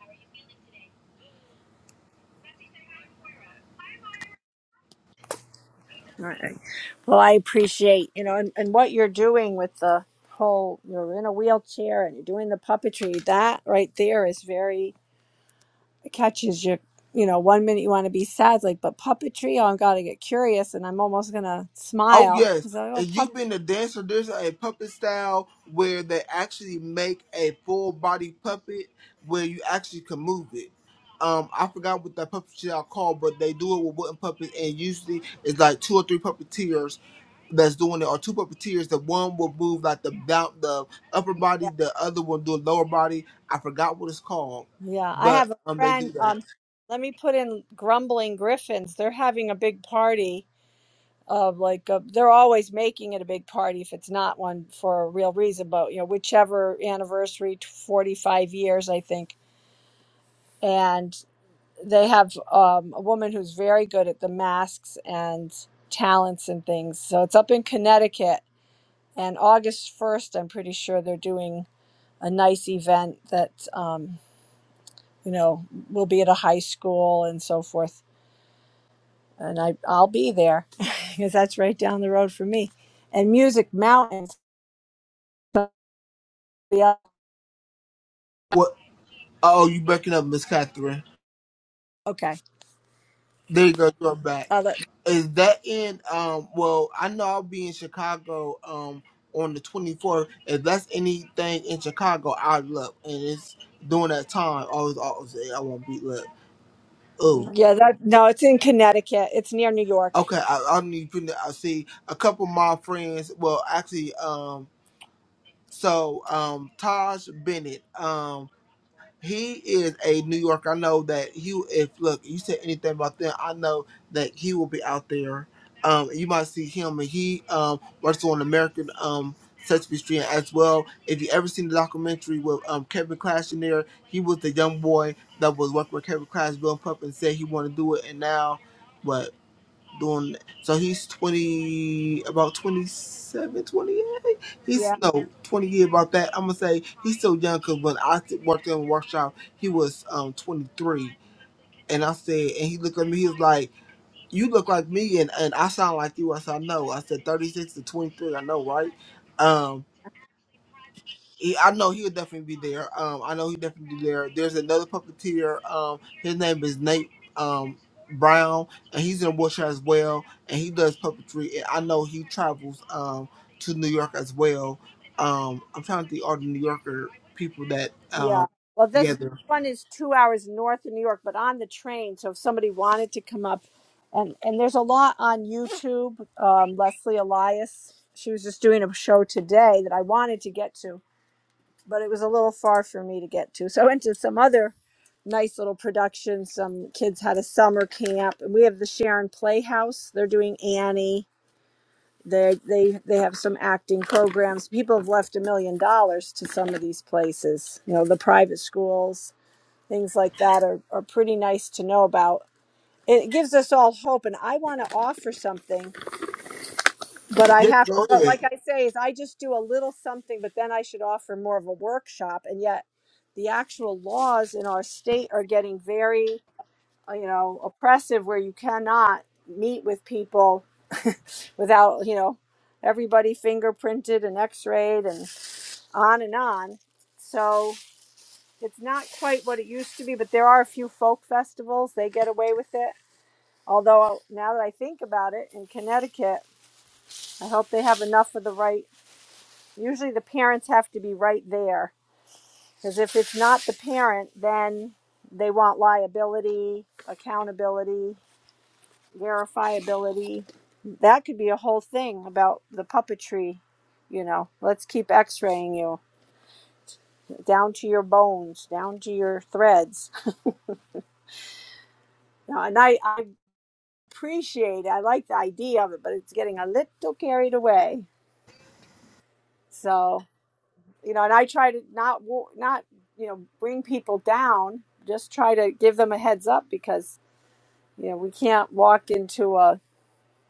Speaker 3: All right. Well, I appreciate, you know, and, and what you're doing with the whole you're in a wheelchair and you're doing the puppetry, that right there is very it catches you you know, one minute you want to be sad, like, but puppetry, oh, I'm going to get curious and I'm almost gonna
Speaker 6: oh
Speaker 3: smile.
Speaker 6: yes,
Speaker 3: It's like, oh
Speaker 6: and
Speaker 3: puppetry.
Speaker 6: you've been a dancer, there's a puppet style where they actually make a full body puppet where you actually can move it. Um, I forgot what that puppet style called, but they do it with wooden puppets, and usually it's like two or three puppeteers that's doing it Or two puppeteers. The one will move like the down, the upper body, the other will do lower body. I forgot what it's called,
Speaker 3: Yeah, I
Speaker 6: but
Speaker 3: have a
Speaker 6: um, they do
Speaker 3: friend.
Speaker 6: that.
Speaker 3: Um, let me put in Grumbling Griffins. They're having a big party of like a, they're always making it a big party if it's not one for a real reason, but you know, whichever anniversary, t- 45 years, I think. And they have um, a woman who's very good at the masks and talents and things. So it's up in Connecticut. And August 1st, I'm pretty sure they're doing a nice event that, um, you know, will be at a high school and so forth. and I I'll be there [LAUGHS] because that's right down the road for me. And Music Mountain. so- Yeah.
Speaker 6: What? Oh, you breaking up, Miss Catherine?
Speaker 3: Okay.
Speaker 6: There you go. You're back.
Speaker 3: I'll let,
Speaker 6: Is that in? Um, well, I know I'll be in Chicago. Um, on the 24th. If that's anything in Chicago, I'd look. And it's during that time. I was always I won't be look. Oh,
Speaker 3: yeah. That no, it's in Connecticut. It's near New York.
Speaker 6: okay. I, I need to. I see a couple of my friends. Well, actually, um. So, um, Taj Bennett, um, he is a New Yorker. I know that he, if look, you said anything about them, I know that he will be out there. Um, you might see him, and he um, works on American um, Sesame Street as well. If you ever seen the documentary with um, Kevin Clash in there, he was the young boy that was working with Kevin Clash, Bill Pup, and said he wanted to do it, and now. What doing so he's 20 about 27, 28. he's
Speaker 3: Yeah.
Speaker 6: no 20 year about that i'm gonna say he's still young because when i st- worked in a workshop he was um 23 and i said and he looked at me he was like you look like me and, and i sound like you i said no i said 36 to 23 i know right Um. He, I know he'll definitely be there. Um, I know he'll definitely be there. There's another puppeteer. Um, his name is Nate um, Brown, and he's in a as well, and he does puppetry. And I know he travels um, to New York as well. Um, I'm trying to think all the New Yorker people that
Speaker 3: Yeah.
Speaker 6: um,
Speaker 3: Well, this
Speaker 6: together.
Speaker 3: one is two hours north of New York, but on the train. So if somebody wanted to come up, and and there's a lot on YouTube. Um, Leslie Elias. She was just doing a show today that I wanted to get to, but it was a little far for me to get to. So I went to some other nice little production. Some kids had a summer camp, and we have the Sharon Playhouse. They're doing Annie. They they they have some acting programs. People have left a million dollars to some of these places. You know, the private schools, things like that are are pretty nice to know about. It gives us all hope, and I want to offer something, but I
Speaker 6: Yes,
Speaker 3: have.
Speaker 6: go
Speaker 3: But
Speaker 6: ahead.
Speaker 3: like I say, is I just do a little something, but then I should offer more of a workshop, and yet. The actual laws in our state are getting very uh, you know oppressive where you cannot meet with people without you know everybody fingerprinted and x-rayed and on and on so it's not quite what it used to be but there are a few folk festivals they get away with it although uh, now that i think about it in connecticut i hope they have enough of the right usually the parents have to be right there because if it's not the parent then they want liability accountability verifiability. That could be a whole thing about the puppetry. You know, let's keep x-raying you down to your bones, down to your threads. Now, and I, I appreciate, it. I like the idea of it, but it's getting a little carried away. So, you know, and I try to not, wo- not, you know, bring people down, just try to give them a heads up because, you know, we can't walk into a,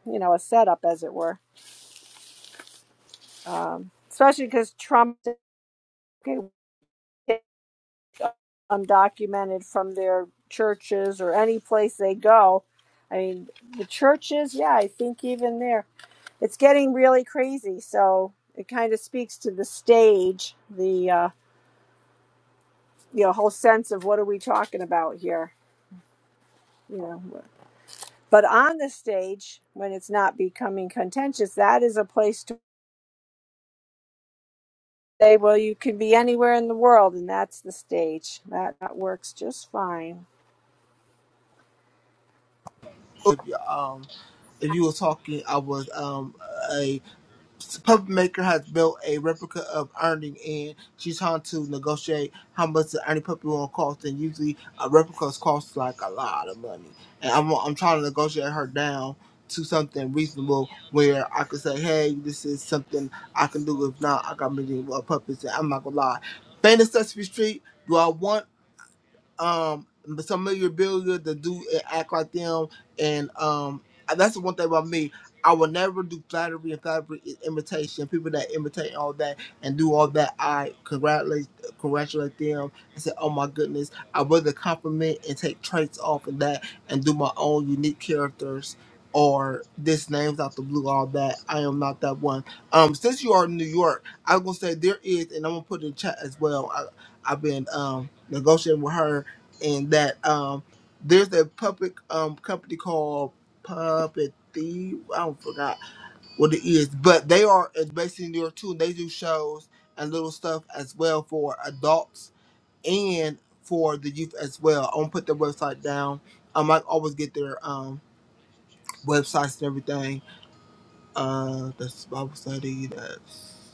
Speaker 3: you know, a setup as it were. Um, especially because Trump okay, undocumented from their churches or any place they go. I mean, the churches, yeah, I think even there, it's getting really crazy. So it kind of speaks to the stage, the uh, you know whole sense of what are we talking about here, you know. But on the stage, when it's not becoming contentious, that is a place to say, well, you can be anywhere in the world, and that's the stage. That, that works just fine.
Speaker 6: If, you- um, if you were talking, I was um, a puppet maker has built a replica of Ernie, and she's trying to negotiate how much the Ernie puppet will cost. And usually, a replica costs like a lot of money. And I'm I'm trying to negotiate her down to something reasonable where I could say, hey, this is something I can do. If not, I got many more puppets, and I'm not gonna lie. Fan of Sesame Street. Do I want? um some memorabilia that do and act like them and um that's the one thing about me. I will never do flattery and flattery is imitation. People that imitate and all that and do all that, I congratulate congratulate them and say, Oh my goodness, I rather compliment and take traits off of that and do my own unique characters or this names out the blue, all that. I am not that one. Um since you are in New York, I'm gonna say there is and I'm gonna put it in chat as well. I, I've been um negotiating with her and that um, there's a public um, company called Puppet Thief. I don't forgot what it is, but they are it's based in New York too. And they do shows and little stuff as well for adults and for the youth as well. I'm gonna put their website down. Um, I might always get their um, websites and everything. Uh, that's Bible study. That's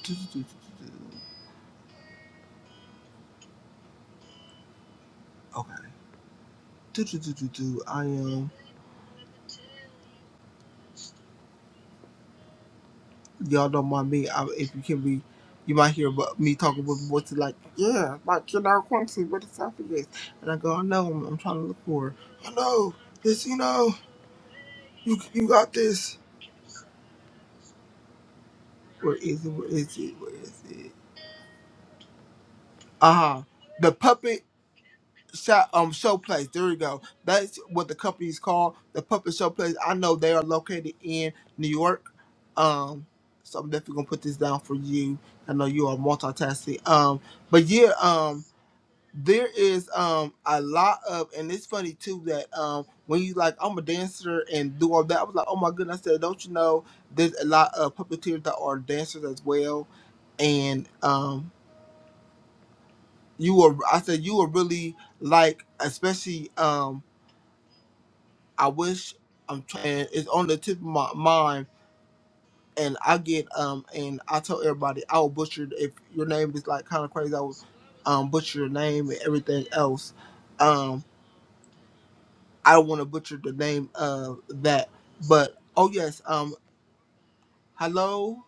Speaker 6: okay. Do, do, do, do. I am. y'all don't mind me. I, if you hear me, you might hear about me talking with what's like, yeah, like Jannard Quincy, where the selfie is. And I go, I know, I'm, I'm trying to look for her. I know, this, you know, you you got this. Where is it? Where is it? Where is it? Uh huh. The puppet shop, um, show place. There you go. That's what the company is called. The puppet show place. I know they are located in New York. Um, so I'm definitely gonna put this down for you. I know you are multitasking. Um, but yeah, um, there is um a lot of and it's funny too that um when you like I'm a dancer and do all that I was like oh my goodness I said don't you know there's a lot of puppeteers that are dancers as well and um you were I said you were really like especially um I wish I'm trying it's on the tip of my mind and I get um and I tell everybody I will butcher it if your name is like kind of crazy I will um butcher your name and everything else Um, I don't want to butcher the name of that, but oh yes, um, hello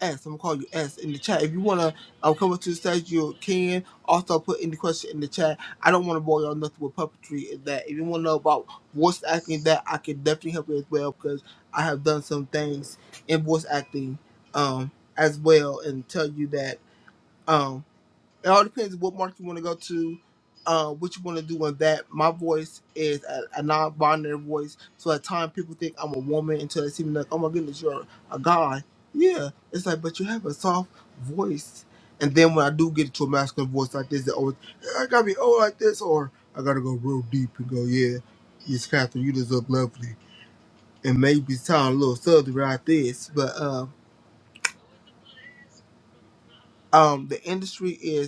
Speaker 6: S. I'm gonna call you S in the chat. If you wanna um, come up to the stage, you can. Also put any question in the chat. I don't want to bore y'all nothing with puppetry and that. If you wanna know about voice acting, that I can definitely help you as well because I have done some things in voice acting, um, as well, and tell you that. um. It all depends what market you want to go to, uh, what you want to do with that. My voice is a, a non-binary voice, so at times people think I'm a woman until they see me like, oh my goodness, you're a guy. Yeah, it's like, but you have a soft voice. And then when I do get into a masculine voice like this, they always, "Yeah, I gotta be old like this, or I gotta go real deep and go, yeah, yes, Catherine, you just look lovely, and maybe sound a little southern like this, but um, um, the industry is.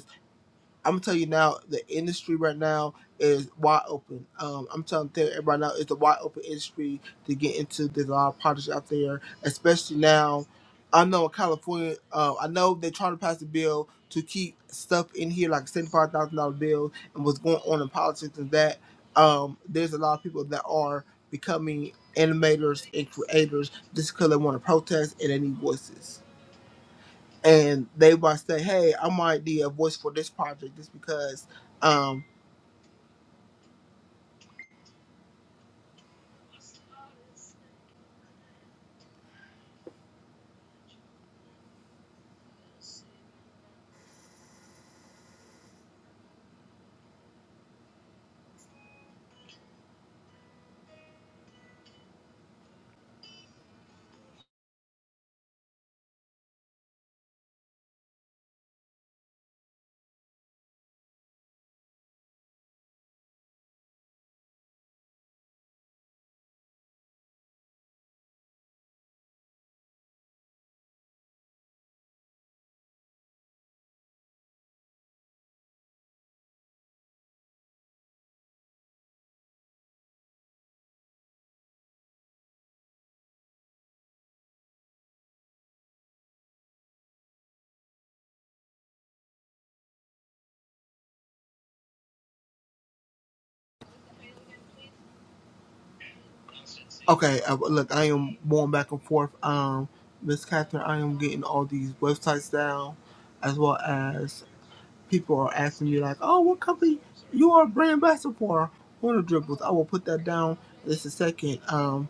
Speaker 6: I'm gonna tell you now, the industry right now is wide open. Um, I'm telling you, everybody now it's a wide open industry to get into. There's a lot of projects out there, especially now. I know in California, uh, I know they're trying to pass a bill to keep stuff in here like seventy-five thousand dollar bill and what's going on in politics and that. Um, there's a lot of people that are becoming animators and creators just because they want to protest and they need voices and they might say, "Hey, I might need a voice for this project just because." Um, okay, uh, look, I am going back and forth. Um, Miss Catherine, I am getting all these websites down, as well as people are asking me like, "Oh, what company you are a brand ambassador for?" Warner Dribbles. I will put that down just a second. Um,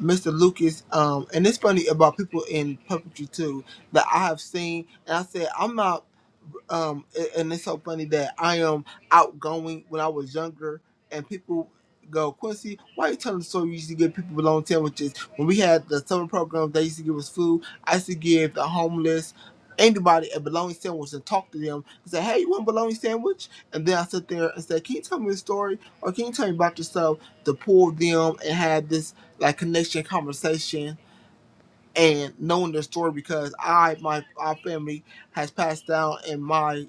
Speaker 6: Mr. Lucas, um, and it's funny about people in puppetry too that I have seen, and I said I'm not. um a- and it's so funny that I am outgoing when I was younger and people go, Quincy, why you telling the story you used to give people bologna sandwiches? When we had the summer program they used to give us food, I used to give the homeless anybody a bologna sandwich and talk to them and say, Hey, you want a bologna sandwich? And then I sit there and say, Can you tell me a story or can you tell me about yourself to pull them and have this like connection conversation and knowing their story because I my our family has passed down in my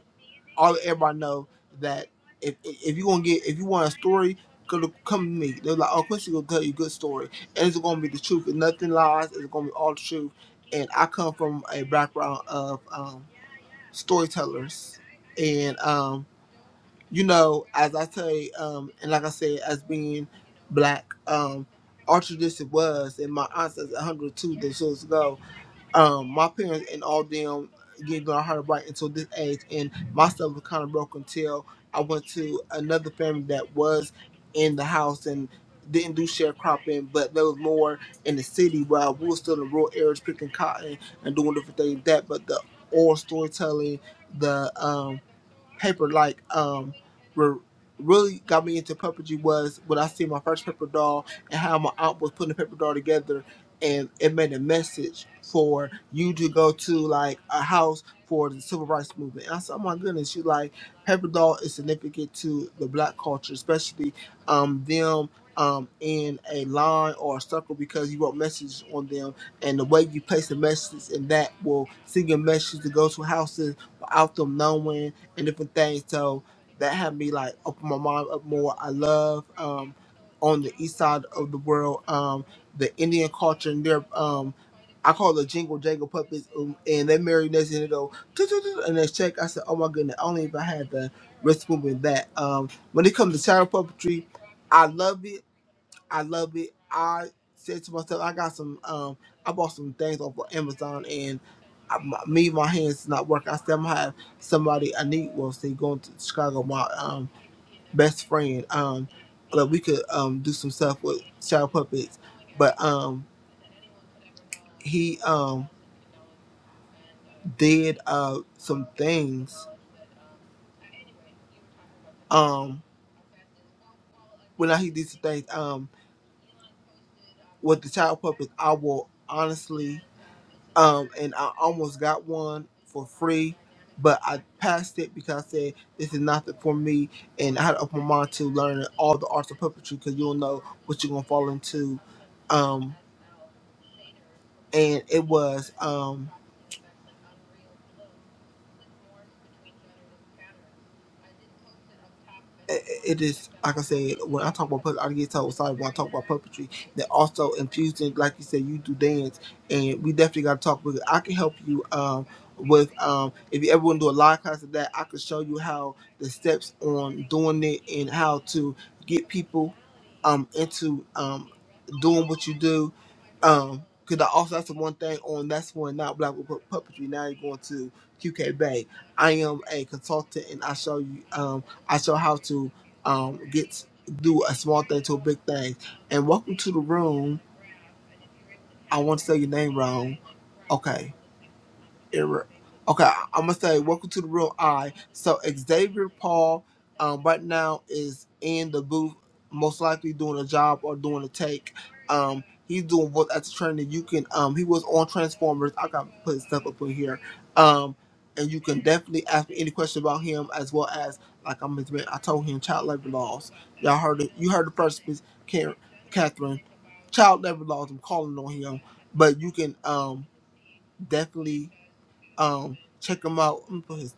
Speaker 6: all everybody know that if if you gonna get if you want a story, going to come to me. They're like, oh, Quincy gonna tell you a good story, and it's gonna be the truth and nothing lies. It's gonna be all the truth. And I come from a background of um, storytellers, and um, you know, as I say, um, and like I said, as being black, um, our tradition was, and my aunt says 102 years ago um, my parents and all them getting on her right until this age, and my stuff was kind of broke until I went to another family that was in the house and didn't do sharecropping, but there was more in the city While we were still in rural areas picking cotton and doing different things like that. But the oral storytelling, the um, paper like um were really got me into puppetry was when I see my first paper doll and how my aunt was putting the paper doll together and it made a message for you to go to like a house for the civil rights movement. And I said, Oh my goodness, you like paper doll is significant to the black culture, especially um them um in a line or a circle because you wrote messages on them and the way you place the message and that will send your message to go to houses without them knowing and different things. So that had me like open my mind up more. I love um, on the east side of the world um, the Indian culture and their um, I call it jingle jangle puppets um, and that marionettes and they go "Tut, tut, tut," and they shake. I said, oh my goodness, only if I had the wrist movement that. Um, when it comes to shadow puppetry, I love it I love it. I said to myself, I got some. Um, I bought some things off of Amazon, and I, my, me, my hands not working. I still have somebody I need. Well, see, going to Chicago, my um best friend. Um, that we could um do some stuff with child puppets, but um he um did uh some things um when I he did some things um with the child puppets. I will honestly um, and I almost got one for free, but I passed it because I said this is not the- for me, and I had to open my mind to learning all the arts of puppetry because you'll know what you're gonna fall into. Um, and it was. Um, it is like I said, when I talk about puppetry, I get told sorry when I talk about puppetry. That also infusing, like you said, you do dance, and we definitely got to talk. Because I can help you um, with um, if you ever want to do a live class of that, I can show you how the steps on doing it and how to get people um, into um, doing what you do. Um, Cause I also that's the one thing on that's one not black with puppetry. Now you're going to QK Bay. I am a consultant and I show you. Um, I shall have to um, get do a small thing to a big thing. And welcome to the room. I want to say your name wrong. Okay error. Okay, I'm gonna say welcome to the real I. So Xavier Paul, um, right now is in the booth, most likely doing a job or doing a take. Um, he's doing voice actor training. You can, um, he was on Transformers. I got to put his stuff up in here. Um, and you can definitely ask me any question about him as well as like I'm I told him child labor laws. Y'all heard it. You heard the first piece, Karen, Catherine. Child labor laws. I'm calling on him, but you can um definitely um check him out. I'm put his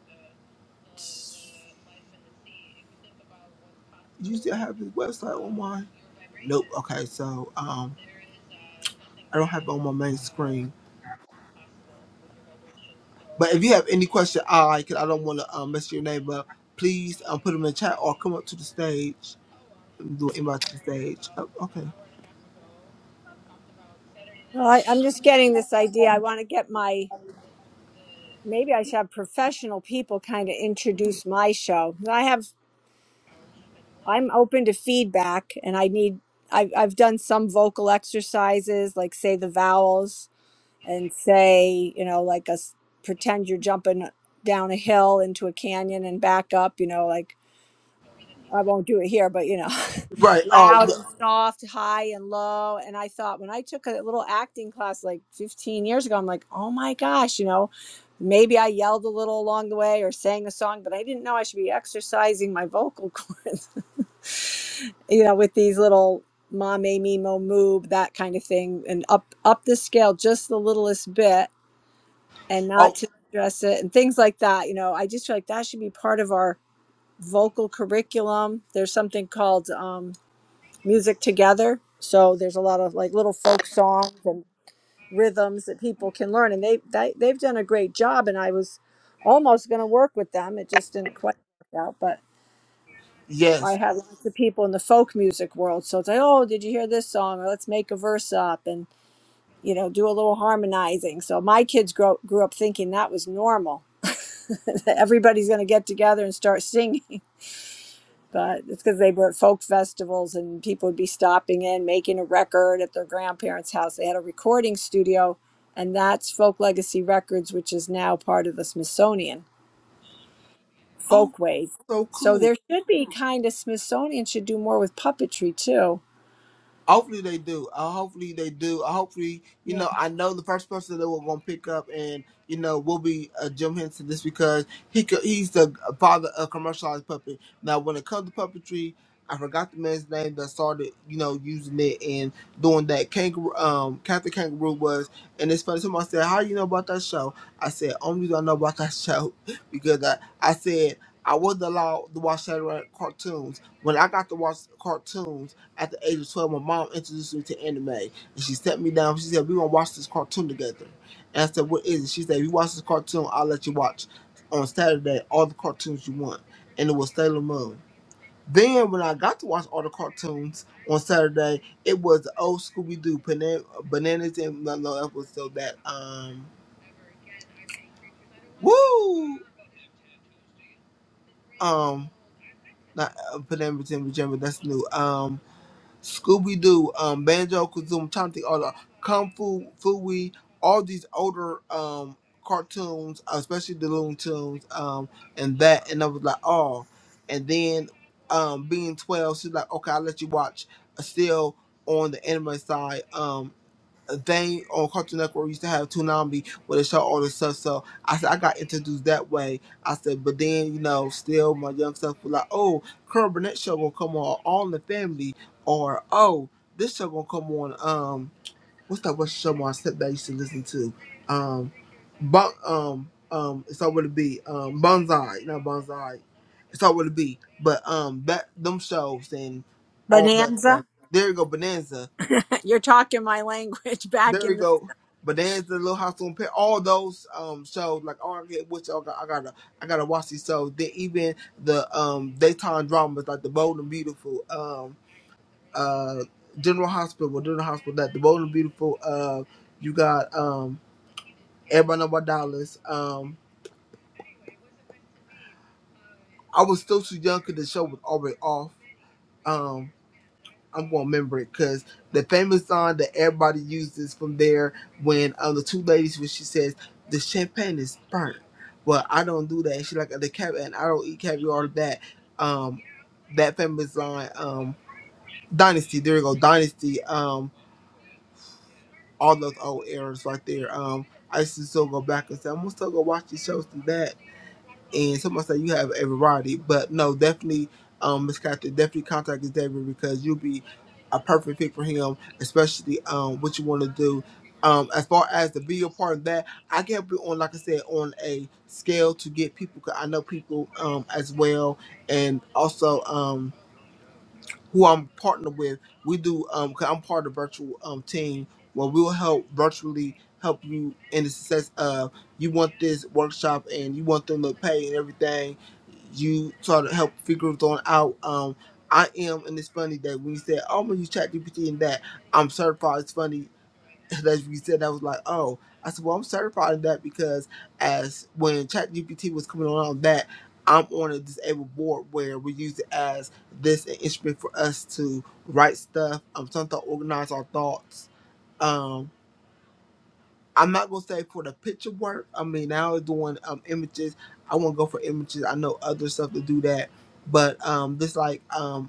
Speaker 6: you still have his website on mine? Nope. Okay, so um I don't have it on my main screen. But if you have any question, I cause I don't want to um, mess your name up. Please um, put them in the chat or come up to the stage. Do an invite to the stage. Oh, okay.
Speaker 3: Well, I, I'm just getting this idea. I want to get my maybe I should have professional people kind of introduce my show. I have I'm open to feedback and I need I've I've done some vocal exercises like say the vowels and say, you know, like a s- pretend you're jumping down a hill into a canyon and back up, you know, like I won't do it here, but you know. [LAUGHS]
Speaker 6: Right. Oh.
Speaker 3: loud and soft, high and low. And I thought when I took a little acting class like 15 years ago, I'm like, oh my gosh, you know, maybe I yelled a little along the way or sang a song, but I didn't know I should be exercising my vocal cords, [LAUGHS] you know, with these little ma me me mo moob, that kind of thing, and up up the scale just the littlest bit and not
Speaker 6: Oh.
Speaker 3: to stress it and things like that. You know, I just feel like that should be part of our vocal curriculum. There's something called um music together. So there's a lot of like little folk songs and rhythms that people can learn, and they, they they've done a great job. And I was almost going to work with them, it just didn't quite work out. But I
Speaker 6: Yes.
Speaker 3: had lots of people in the folk music world, so it's like, oh, did you hear this song? Or let's make a verse up and you know do a little harmonizing. So my kids grew grew up thinking that was normal. [LAUGHS] Everybody's going to get together and start singing. but it's because they were at folk festivals and people would be stopping in making a record at their grandparents' house. They had a recording studio, and that's Folk Legacy Records, which is now part of the Smithsonian
Speaker 6: Oh.
Speaker 3: Folkways.
Speaker 6: So
Speaker 3: So
Speaker 6: cool.
Speaker 3: there should be kind of Smithsonian should do more with puppetry too.
Speaker 6: Hopefully they do. Uh, hopefully they do. Uh, hopefully, you
Speaker 3: Yeah,
Speaker 6: know, I know the first person that we're gonna pick up and you know will be uh, Jim Henson just because he co- he's the father of commercialized puppet. Now, when it comes to puppetry, I forgot the man's name that started, you know, using it and doing that. Kangaroo, um, Captain Kangaroo was, and it's funny. Someone said, "How you know about that show?" I said, "Only reason I know about that show [LAUGHS] because I, I said." I wasn't allowed to watch Saturday night cartoons. When I got to watch cartoons, at the age of 12, my mom introduced me to anime. And she sat me down. She said, We're going to watch this cartoon together. And I said, What is it? She said, If you watch this cartoon, I'll let you watch on Saturday all the cartoons you want. And it was Sailor Moon. Then, when I got to watch all the cartoons on Saturday, it was the old Scooby Doo, Bana- Bananas and Mellow episode that, um, woo! Um, not uh, Bananas and Pajama, that's new. um. Scooby Doo, um, Banjo Kazooie. trying to think all the Kung Fu Fooey, all these older um cartoons, especially the Looney Tunes, um, and that. And I was like, oh. And then, um, being twelve, she's like, okay, I'll let you watch. uh, Still on the anime side, Um, they on Cartoon Network used to have Toonami where they show all this stuff. So I said I got introduced that way. I said, but then you know, still my young stuff was like, oh, Carol Burnett show gonna come on All in the Family, or oh, this show gonna come on. Um, what's that one show my stepdad used to listen to? Um, but um um, it's all what it be. Um, Bonsai, not Bonsai. It's all what it be. But um, that them shows and all that stuff.
Speaker 3: Bonanza.
Speaker 6: There you go, Bonanza
Speaker 3: [LAUGHS] You're talking my language [LAUGHS] back
Speaker 6: there we
Speaker 3: in the.
Speaker 6: go. But there's the Little House on Pet. All those um shows, like oh, I get which I got, I gotta, I gotta watch these shows. Then even the um daytime dramas like The Bold and Beautiful, um uh General Hospital, General Hospital, that The Bold and Beautiful. Uh, you got um Everybody Know About Dallas. Um, I was still too young because the show was already off. Um, I'm gonna remember it because the famous song that everybody uses from there when um, the two ladies when she says the champagne is burnt. Well, I don't do that. She like the cap and I don't eat caviar. like That um that famous line um Dynasty. There you go, Dynasty. Um, all those old eras right there. Um, I used to still go back and say I'm gonna still go watch these shows through that and someone say you have everybody, but no, definitely, um, Miss Catherine, definitely contact with David because you'll be a perfect fit for him, especially um what you want to do. Um, as far as the video part of that, I can't be on like I said on a scale to get people. Cause I know people um as well, and also um who I'm partnered with, we do um i am part of the virtual um team where we'll help virtually help you in the success of you want this workshop and you want them to pay and everything. You sort of help figure it on out. Um I am and it's funny that when you said, Oh I'm gonna use ChatGPT GPT and that I'm certified it's funny [LAUGHS] That's what you said I was like, oh, I said, well, I'm certified in that because as when ChatGPT was coming around that, I'm on a disabled board where we use it as this an instrument for us to write stuff, um, sometimes organize our thoughts. Um, I'm not gonna say for the picture work. I mean, now it's doing um images. I want to go for images. I know other stuff to do that, but um, this like um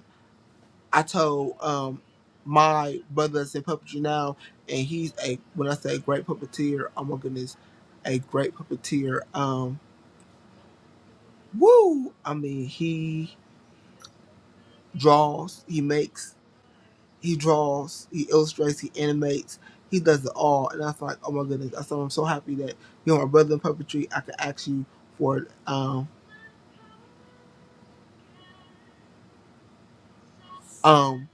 Speaker 6: I told um my brother that's in puppetry now, and he's a when I say a great puppeteer, oh my goodness, a great puppeteer. Um, woo! I mean, he draws, he makes, he draws, he illustrates, he animates, he does it all. And I was like, oh my goodness, I said I'm so happy that you are my brother in puppetry. I could ask you for um um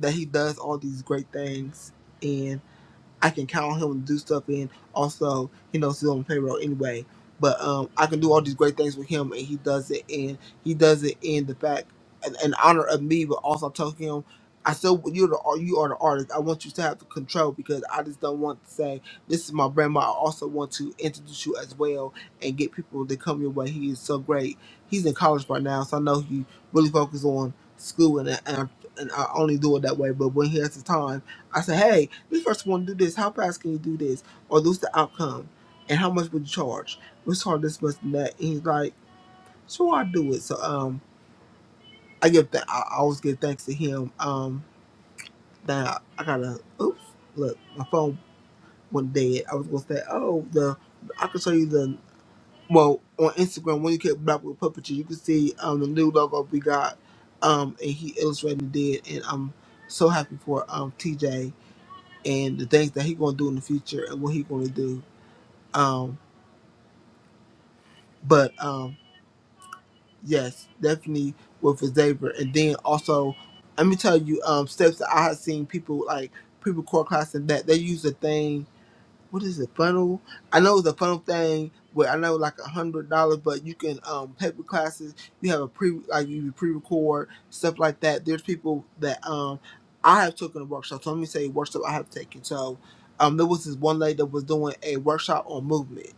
Speaker 6: that he does all these great things, I can count on him to do stuff in. Also, he knows he's on the payroll anyway. But um, I can do all these great things with him, and he does it. And he does it in the fact in, in honor of me, but also I'm telling him, I still you're the you are the artist. I want you to have the control because I just don't want to say this is my grandma. I also want to introduce you as well and get people to come your way. He is so great. He's in college right now, so I know he really focuses on school, and and I, and I only do it that way. But when he has the time, I say, hey. We first want to do this. How fast can you do this? Or this is the outcome? And how much would you charge? Let's charge this much and that. And he's like, sure, I'll do it. So um, I give that. I I always give thanks to him. Um, that I gotta. Oops, look, my phone went dead. I was gonna say, oh, the I can show you the. Well, on Instagram, when you click Black with Puppetry, you can see um the new logo we got. Um, and he illustrated and did, and I'm so happy for um TJ and the things that he gonna do in the future and what he gonna do Um, but um, yes, definitely with a Xavier. And then also, let me tell you, um, steps that I have seen people like people core class and that they use a thing what is the funnel? I know it's a funnel thing where I know like a hundred dollars, but you can um paper classes. You have a pre like you pre-record stuff like that. There's people that um I have taken a workshop. So let me say workshop I have taken. So um there was this one lady that was doing a workshop on movement,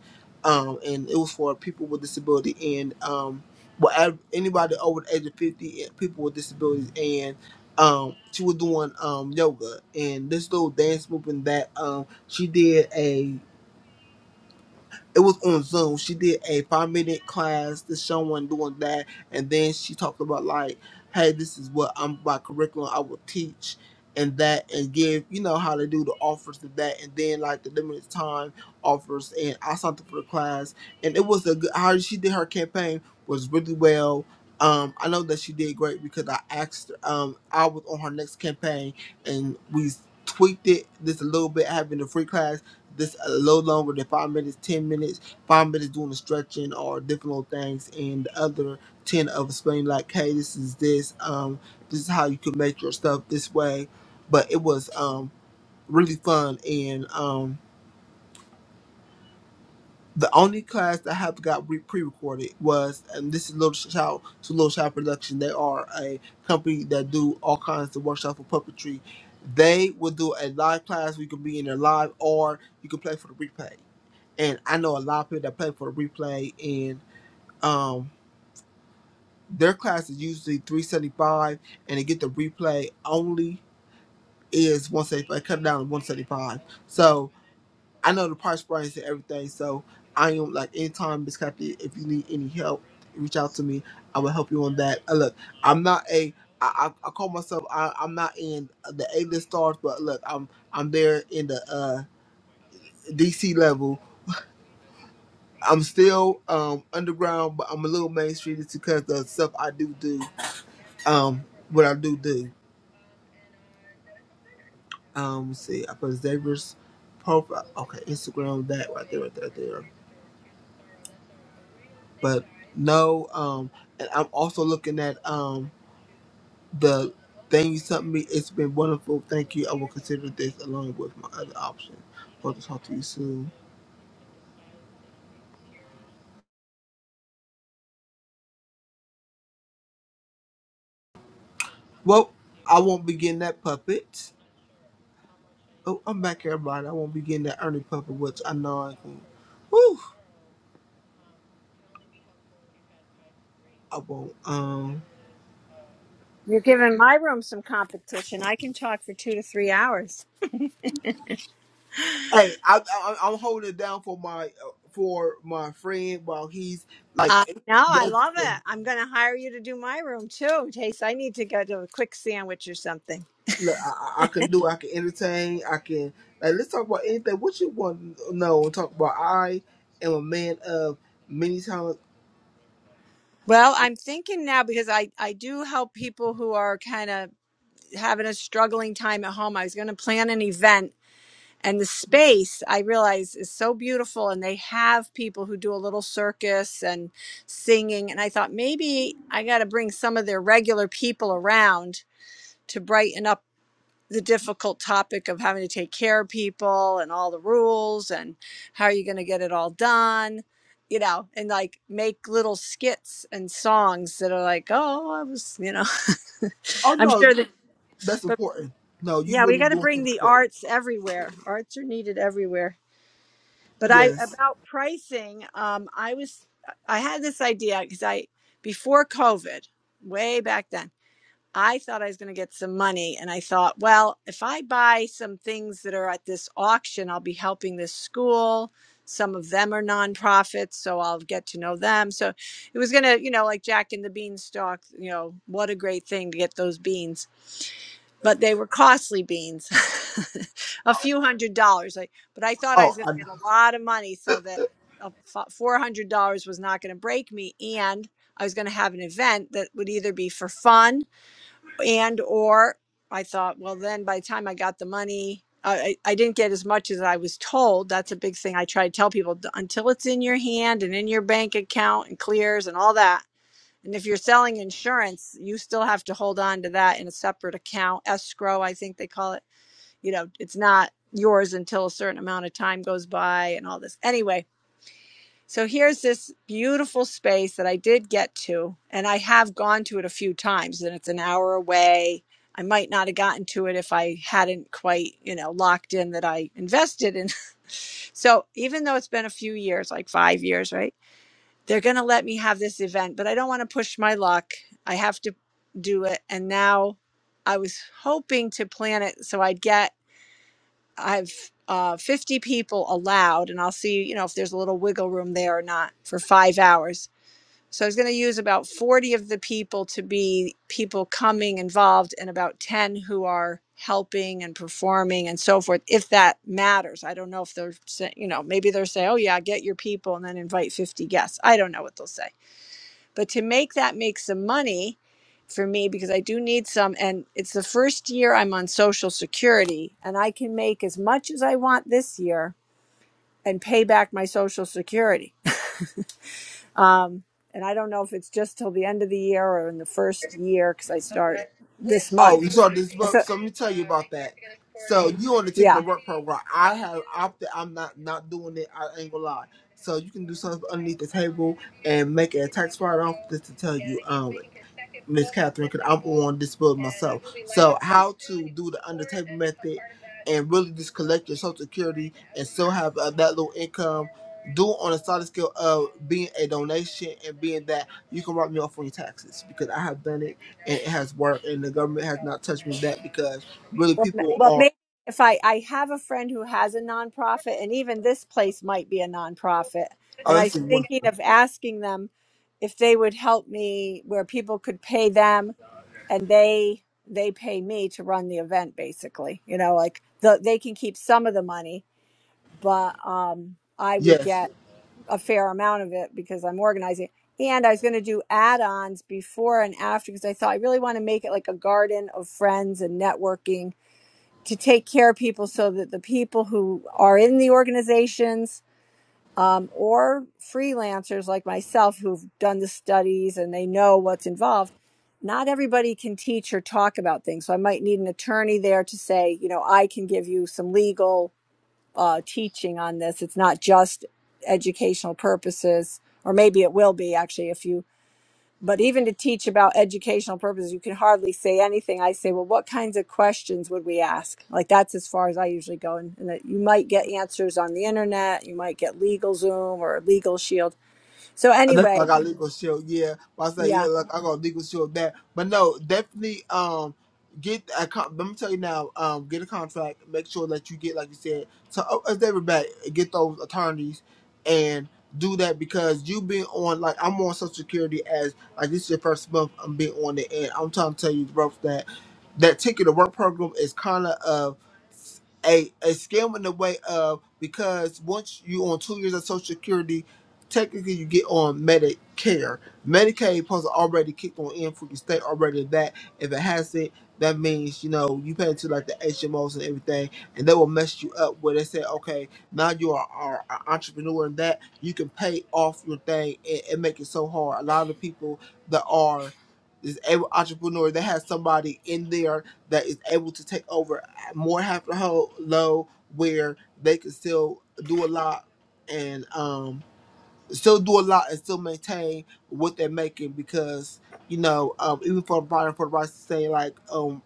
Speaker 6: um and it was for people with disability and um well ev- anybody over the age of fifty and people with disabilities and um she was doing um yoga and this little dance movement that um she did a it was on Zoom. She did a five minute class to someone doing that and then she talked about like, hey, this is what I'm my curriculum I will teach and that and give, you know, how to do the offers to that and then like the limited time offers and I signed up for the class and it was a good how she did her campaign was really well. Um, I know that she did great because I asked um I was on her next campaign and we tweaked it just a little bit having the free class this a little longer than five minutes, ten minutes, five minutes doing the stretching or different little things, and the other ten of explaining like, hey, this is this, um, this is how you can make your stuff this way. But it was um really fun, and um the only class that I have got re- pre-recorded was, and this is Little Child to Little Child Production. They are a company that do all kinds of workshops for puppetry. They will do a live class. We can be in there live, or you can play for the replay. and I know a lot of people that play for the replay, and um, their class is usually three seventy five, and they get the replay only is one seventy five, cut down to one seventy five. So I know the price range and everything. So I am like anytime, Miss Kathy, if you need any help, reach out to me. I will help you on that. Uh, look, I'm not a I, I, I call myself I, I'm not in the A list stars, but look, I'm I'm there in the uh, DC level I'm still um underground, but I'm a little mainstream just because the stuff I do do, um, what I do do. Um, let's see, I put Xavier's profile, okay, Instagram, that right there, right there, right there. But no, um, and I'm also looking at um the thing you sent me. It's been wonderful. Thank you. I will consider this along with my other option. Hope to talk to you soon. Well, I won't be getting that puppet. Oh, I'm back, everybody. I won't be getting that Ernie puppet, which I know I can. Whew. I won't. Um,
Speaker 3: You're giving my room some competition. I can talk for two to three hours.
Speaker 6: hey, I, I, I'm holding it down for my uh, for my friend while he's like,
Speaker 3: Uh, no, I
Speaker 6: look,
Speaker 3: love it. I'm going to hire you to do my room too, in case I need to get a quick sandwich or something.
Speaker 6: I, I I can do. I can entertain. I can. Like, let's talk about anything. What you want to know and talk about? I am a man of many talents.
Speaker 3: Well, I'm thinking now because I, I do help people who are kind of having a struggling time at home. I was going to plan an event, and the space I realize is so beautiful, and they have people who do a little circus and singing. And I thought maybe I got to bring some of their regular people around to brighten up the difficult topic of having to take care of people and all the rules and how are you going to get it all done you know and like make little skits and songs that are like oh i was you know
Speaker 6: Oh
Speaker 3: [LAUGHS] i'm
Speaker 6: no,
Speaker 3: sure that
Speaker 6: that's
Speaker 3: [LAUGHS] but
Speaker 6: important. No, you
Speaker 3: yeah we
Speaker 6: really
Speaker 3: got to
Speaker 6: doing
Speaker 3: bring
Speaker 6: something
Speaker 3: the
Speaker 6: important.
Speaker 3: arts everywhere arts are needed everywhere but i
Speaker 6: Yes.
Speaker 3: about pricing um i was i had this idea because i before covid way back then I thought I was going to get some money. And I thought, well, if I buy some things that are at this auction, I'll be helping this school. Some of them are nonprofits, so I'll get to know them. So it was going to, you know, like Jack and the Beanstalk, you know, what a great thing to get those beans. But they were costly beans, [LAUGHS] a few hundred dollars. Like, but I thought I
Speaker 6: Oh,
Speaker 3: was going
Speaker 6: I,
Speaker 3: to get a lot of money so that a $400 was not going to break me. And I was going to have an event that would either be for fun and or i thought well then by the time i got the money I, I didn't get as much as i was told that's a big thing i try to tell people until it's in your hand and in your bank account and clears and all that and if you're selling insurance you still have to hold on to that in a separate account escrow i think they call it you know it's not yours until a certain amount of time goes by and all this anyway so here's this beautiful space that I did get to, and I have gone to it a few times, and it's an hour away. I might not have gotten to it if I hadn't quite, you know, locked in that I invested in. [LAUGHS] so even though it's been a few years, like five years, right? They're going to let me have this event, but I don't want to push my luck. I have to do it. And now I was hoping to plan it so I'd get I've uh, 50 people allowed, and I'll see, you know, if there's a little wiggle room there or not for five hours. So I was going to use about 40 of the people to be people coming involved, and about 10 who are helping and performing and so forth, if that matters. I don't know if they're, say, you know, maybe they're saying, oh, yeah, get your people and then invite 50 guests. I don't know what they'll say. But to make that make some money, for me because I do need some. And it's the first year I'm on Social Security, and I can make as much as I want this year and pay back my Social Security. [LAUGHS] Um, and I don't know if it's just till the end of the year or in the first year because I start this
Speaker 6: Oh, you
Speaker 3: month.
Speaker 6: saw this book.
Speaker 3: So
Speaker 6: So let me tell you about that. So you on the ticket to
Speaker 3: yeah,
Speaker 6: work program. I have opted. I'm not not doing it. I ain't gonna lie. So you can do something underneath the table and make a tax write off. Just to tell you, um, Miss Catherine, because I'm on this bill myself. So how to do the under table method and really just collect your social security and still have uh, that little income. Do it on a solid scale of being a donation and being that you can write me off on your taxes because I have done it and it has worked, and the government has not touched me with that because really
Speaker 3: well, ma-
Speaker 6: people
Speaker 3: well,
Speaker 6: are
Speaker 3: maybe if I I have a friend who has a nonprofit, and even this place might be a nonprofit, and I was
Speaker 6: honestly
Speaker 3: thinking
Speaker 6: wonderful.
Speaker 3: of asking them if they would help me where people could pay them and they they pay me to run the event basically you know like the, they can keep some of the money but um i would
Speaker 6: Yes.
Speaker 3: get a fair amount of it because i'm organizing and i was going to do add-ons before and after because i thought i really want to make it like a garden of friends and networking to take care of people so that the people who are in the organizations um, or freelancers like myself who've done the studies and they know what's involved, not everybody can teach or talk about things. So I might need an attorney there to say, you know, I can give you some legal uh, teaching on this. It's not just educational purposes, or maybe it will be actually if you but even to teach about educational purposes, you can hardly say anything. I say, well, what kinds of questions would we ask? Like that's as far as I usually go, and, and that you might get answers on the internet, you might get Legal Zoom or Legal Shield. So
Speaker 6: Uh, That's why I
Speaker 3: anyway,
Speaker 6: got legal shield. Yeah, but I say yeah.
Speaker 3: yeah,
Speaker 6: Look, I got legal shield that, but no, definitely. Um, get a con- let me tell you now. Um, get a contract. Make sure that you get like you said. So oh, as they were back, get those attorneys and do that because you been on like I'm on Social Security as like this is your first month. I'm being on it, and I'm trying to tell you, bro, that that ticket to work program is kind of of a a scam in the way of because once you on two years of Social Security technically you get on Medicare. Medicaid supposed to already kick on in for your state already that. If it hasn't, that means, you know, you pay to like the HMOs and everything, and they will mess you up where they say, okay, now you are, are an entrepreneur and that you can pay off your thing and, and make it so hard. A lot of people that are is able entrepreneur they have somebody in there that is able to take over uh, more half the whole low where they can still do a lot and um still do a lot and still maintain what they're making because you know um, even for Brian for the right to say like um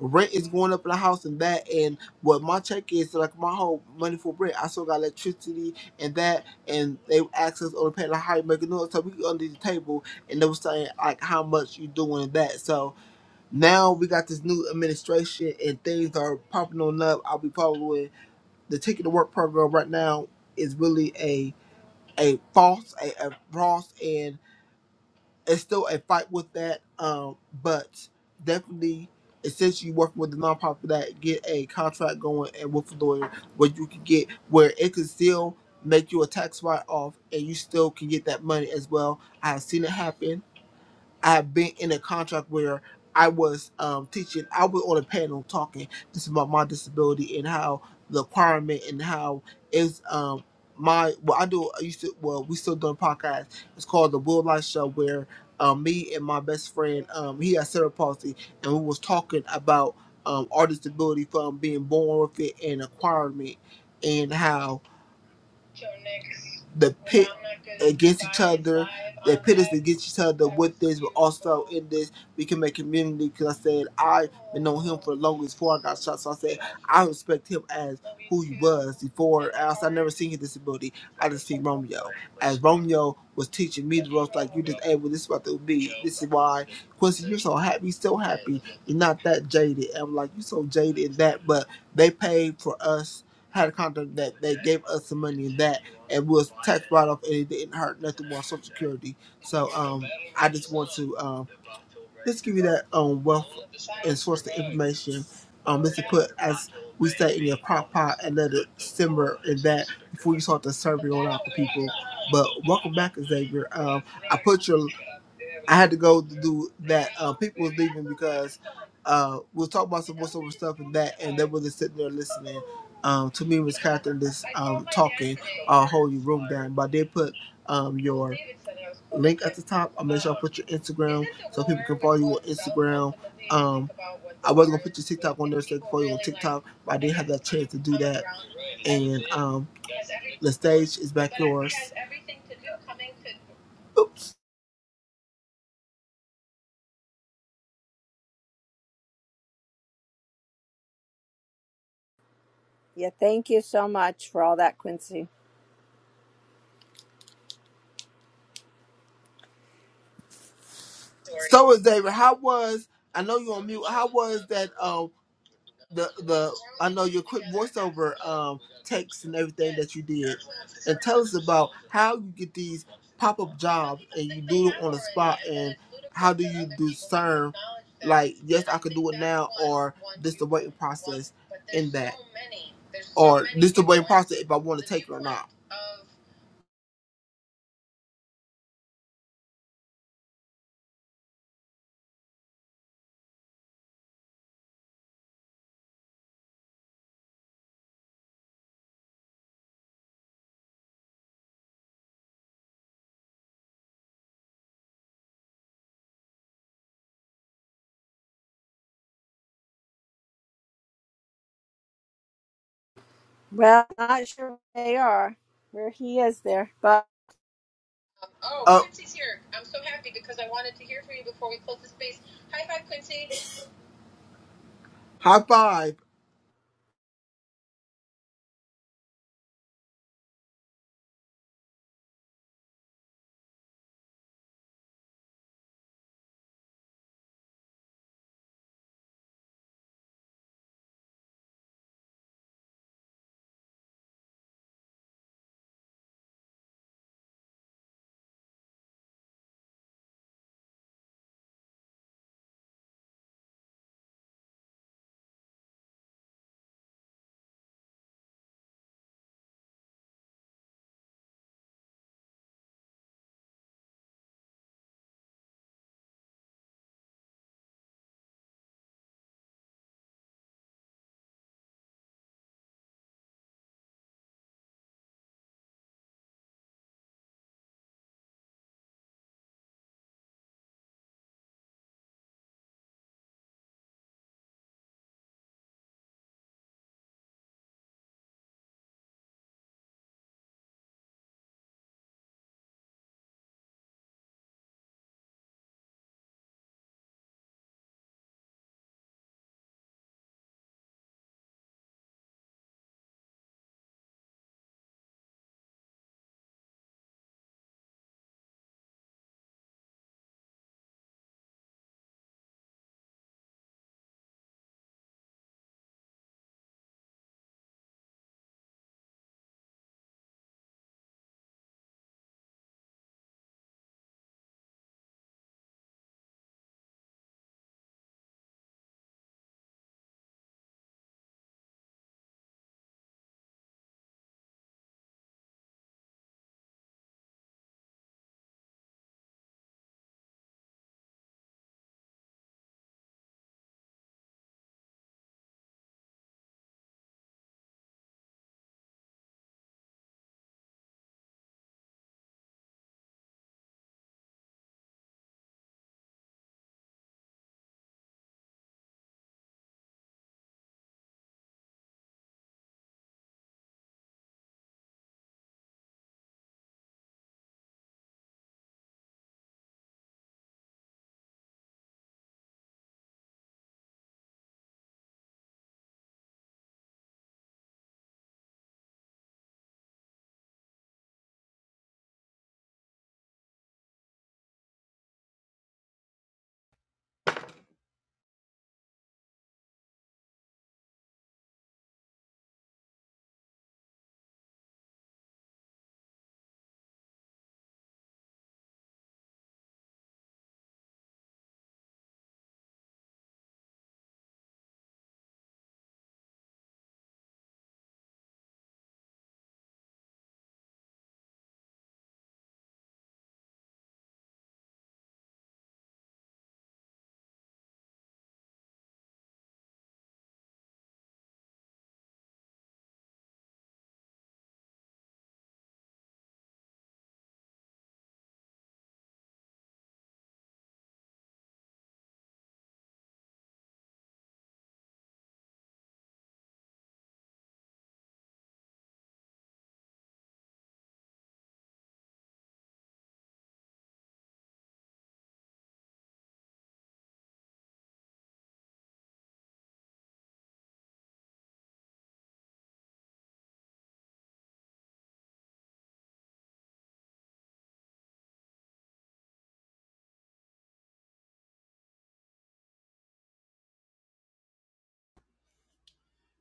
Speaker 6: rent is going up in the house and that and what my check is like my whole money for rent I still got electricity and that and they asked us on the pay like how you making noise so we under the table and they were saying like how much you doing that so now we got this new administration and things are popping on up I'll be following the ticket to work program right now is really a a false a, a false and it's still a fight with that um but definitely since you working with a nonprofit for that get a contract going and with a lawyer where you can get where it can still make you a tax write off and you still can get that money as well i've seen it happen I've been in a contract where I was um, teaching, I was on a panel talking just about my disability and how the requirement and how is um, my, well, I do, I used to, well, we still doing podcasts. It's called The Will Life Show where um, me and my best friend, um, he has cerebral palsy, and we was talking about um, our disability from being born with it and acquiring it and how the pit against each other. The pit is against each other with this, but also in this, we can make community. Because I said, I've been knowing him for the longest before I got shot. So I said, I respect him as who he was before. Else, I never seen his disability. I just seen Romeo. As Romeo was teaching me the ropes, like, you just, hey, well, this is what it would be. This is why. Quincy, you're so happy, you're so happy. You're not that jaded. And I'm like, you're so jaded in that, but they paid for us had a contract that they gave us some money in that and was tax write off and it didn't hurt nothing more Social Security. So um, I just want to. um, Let's give you that um wealth and source the information. Um, let you put as we say in your crock pot and let it simmer in that before you start to serve it on out to people. But welcome back, Xavier. Um, I put your I had to go to do that. Uh, people was leaving because uh, we'll talk about some voiceover stuff and that, and they were just sitting there listening. Um, to me, Miss Catherine just um, talking, uh, holding room down. But I did put um, your link at the top. I'll make sure I put your Instagram so people can follow you on Instagram. Um, I was gonna put your TikTok on there so they can follow you on TikTok, but I didn't have that chance to do that. And um, the stage is back yours. Oops.
Speaker 3: yeah. Thank you so much for all that, Quincy.
Speaker 6: So is David. How was? I know you're on mute. How was that? Uh, um texts and that you did, us about how you get these pop up if I want
Speaker 3: Well, not sure where they are, where he is there, but
Speaker 6: High five.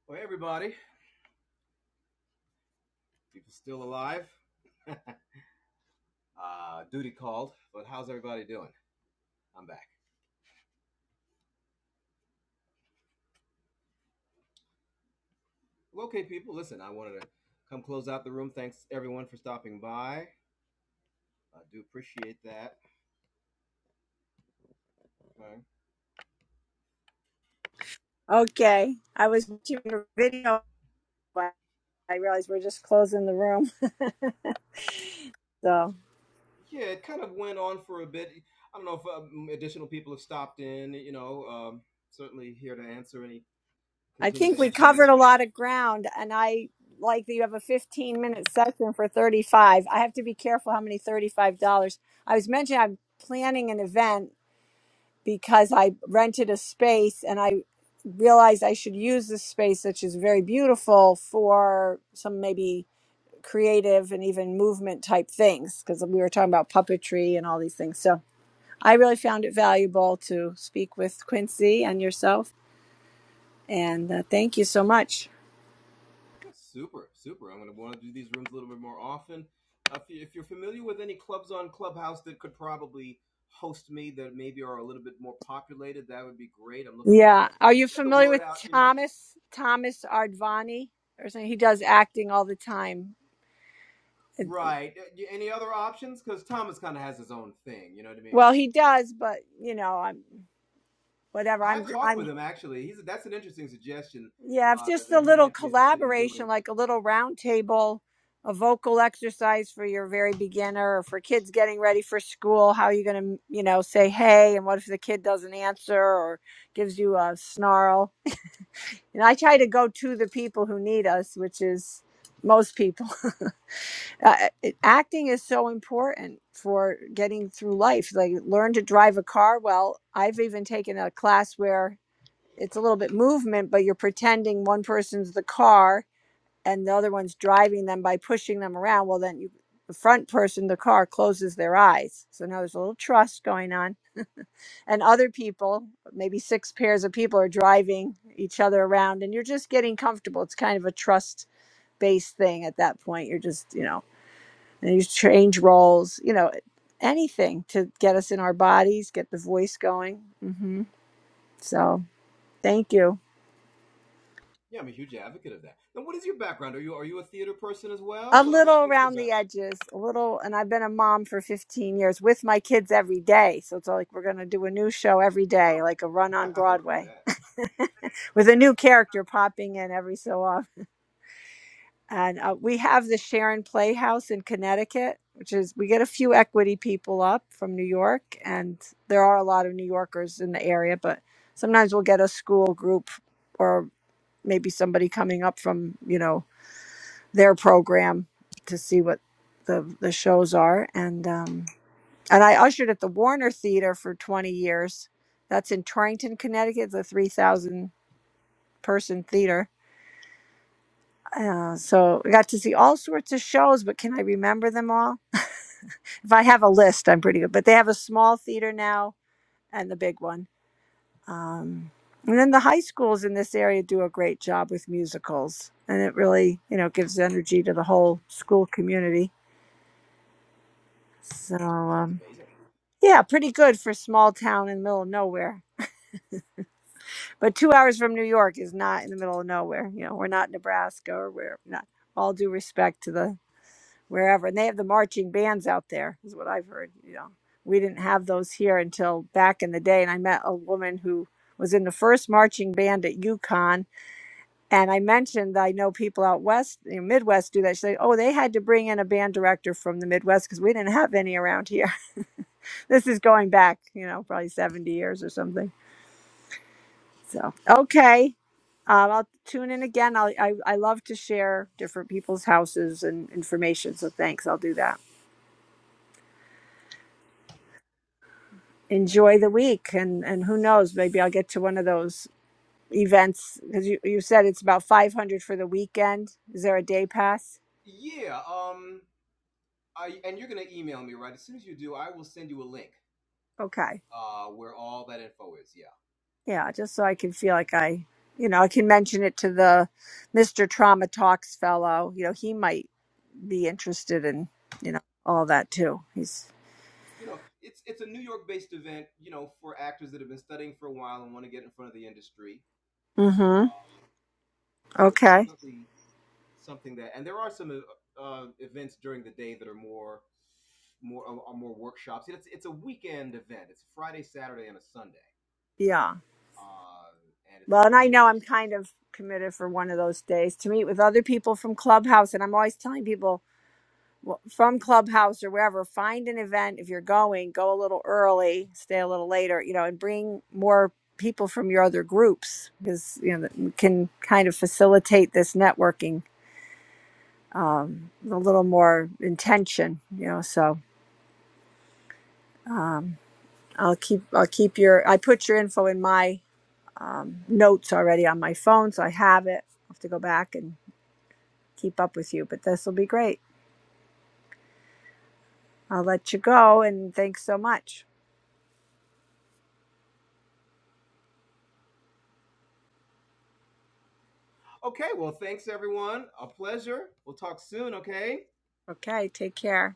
Speaker 1: Well, hey, everybody, people still alive. [LAUGHS] uh, duty called, but how's everybody doing? I'm back. Well, okay, people, listen, I wanted to come close out the room. Thanks everyone for stopping by. I do appreciate that. Okay.
Speaker 3: okay. I was watching your video, but I realized we're just closing the room. [LAUGHS] so.
Speaker 1: Yeah, it kind of went on for a bit. I don't know if um, additional people have stopped in. You know, um, certainly here to answer any,
Speaker 3: I
Speaker 1: continue
Speaker 3: think
Speaker 1: to
Speaker 3: we
Speaker 1: answer
Speaker 3: covered a
Speaker 1: any
Speaker 3: lot of ground, and I like that you have a 15 minute session for 35. I have to be careful how many $35. I was mentioning I'm planning an event because I rented a space and I realized I should use this space, which is very beautiful, for some maybe creative and even movement type things because we were talking about puppetry and all these things. So I really found it valuable to speak with Quincy and yourself. And uh, thank you so much.
Speaker 1: Yeah, super, super. I'm going to want to do these rooms a little bit more often. Uh, If, you, if you're familiar with any clubs on Clubhouse that could probably host me, that maybe are a little bit more populated, that would be great. I'm looking to kind
Speaker 3: Yeah.
Speaker 1: of
Speaker 3: Are you
Speaker 1: get the
Speaker 3: familiar
Speaker 1: word
Speaker 3: with
Speaker 1: out, you know.
Speaker 3: Thomas Thomas Ardvani or something? He does acting all the time.
Speaker 1: Right. Uh, y- Any other options? Because Thomas kind of has his own thing. You know what I mean?
Speaker 3: Well, he does, but you know, I'm whatever.
Speaker 1: I
Speaker 3: I'm
Speaker 1: have talked with
Speaker 3: I'm
Speaker 1: him actually. He's that's an interesting suggestion
Speaker 3: yeah, it's
Speaker 1: uh,
Speaker 3: just a
Speaker 1: that he
Speaker 3: little
Speaker 1: might be interested in
Speaker 3: collaboration,
Speaker 1: doing.
Speaker 3: like a little round table, a vocal exercise for your very beginner or for kids getting ready for school. How are you gonna, you know, say hey and what if the kid doesn't answer or gives you a snarl? And I try to go to the people who need us, which is most people. uh, it- acting is so important for getting through life like learn to drive a car well i've even taken a class where it's a little bit movement but you're pretending one person's the car and the other one's driving them by pushing them around well then you the front person the car closes their eyes so now there's a little trust going on and other people maybe six pairs of people are driving each other around and you're just getting comfortable it's kind of a trust based thing at that point you're just you know and you change roles, you know, anything to get us in our bodies, get the voice going. hmm So thank you.
Speaker 1: Yeah, I'm a huge advocate of that. Now, what is your background? Are you are you a theater person as
Speaker 3: A
Speaker 1: well, or what,
Speaker 3: little
Speaker 1: what's your
Speaker 3: around the
Speaker 1: background?
Speaker 3: edges, a little, and I've been a mom for 15 years with my kids every day. So it's all like we're going to do a new show every day,
Speaker 1: Oh,
Speaker 3: like a run
Speaker 1: [LAUGHS]
Speaker 3: on
Speaker 1: I hear
Speaker 3: Broadway
Speaker 1: that.
Speaker 3: [LAUGHS] with a new character popping in every so often. and uh, we have the Sharon Playhouse in Connecticut, which is we get a few equity people up from New York, and there are a lot of New Yorkers in the area. But sometimes we'll get a school group or maybe somebody coming up from you know their program to see what the the shows are. And um, and I ushered at the Warner Theater for twenty years. That's in Torrington, Connecticut, the three thousand person theater. Uh, so I got to see all sorts of shows, but can I remember them all? if I have a list, I'm pretty good. But they have a small theater now and the big one. Um, and then the high schools in this area do a great job with musicals, and it really, you know, gives energy to the whole school community. So,
Speaker 1: That sounds
Speaker 3: um,
Speaker 1: amazing.
Speaker 3: yeah, pretty good for small town in the middle of nowhere. But two hours from New York is not in the middle of nowhere. You know, we're not Nebraska, or we're not. All due respect to the wherever. And they have the marching bands out there, is what I've heard. You know, we didn't have those here until back in the day. And I met a woman who was in the first marching band at UConn. And I mentioned that I know people out west, you know, Midwest, do that. She said, "Oh, they had to bring in a band director from the Midwest because we didn't have any around here." [LAUGHS] this is going back, you know, probably seventy years or something. So okay. Um, I'll tune in again. I'll, I I love to share different people's houses and information. So thanks. I'll do that.
Speaker 1: Okay.
Speaker 3: enjoy the week and and who knows maybe i'll get to one of those events because you, you said it's about 500 for the weekend is there a day pass
Speaker 1: Yeah. Um. I and you're gonna email me right as soon as you do. I will send you a link.
Speaker 3: okay
Speaker 1: Uh, where all that info is. Yeah.
Speaker 3: yeah just so i can feel like i you know i can mention it to the mr trauma talks fellow you know he might be interested in you know all that too he's
Speaker 1: You know, it's it's a New York-based event. You know, for actors that have been studying for a while and want to get in front of the industry.
Speaker 3: mm-hmm
Speaker 1: Um. So it's
Speaker 3: okay
Speaker 1: definitely something that, and there are some uh, uh, events during the day that are more more are are more workshops. It's it's a weekend event. It's Friday, Saturday, and a Sunday.
Speaker 3: yeah
Speaker 1: Uh, and it's
Speaker 3: well and i
Speaker 1: pretty
Speaker 3: know i'm
Speaker 1: immersive.
Speaker 3: kind of committed for one of those days to meet with other people from clubhouse and i'm always telling people from clubhouse or wherever find an event if you're going go a little early stay a little later you know and bring more people from your other groups because you know that we can kind of facilitate this networking um, with a little more intention you know so i'll keep i'll keep your i put your info in my notes already on my phone so i have it i'll have to go back and keep up with you but this will be great i'll let you go and thanks so much
Speaker 1: Okay, well, thanks everyone. A pleasure. We'll talk soon, okay?
Speaker 3: okay take care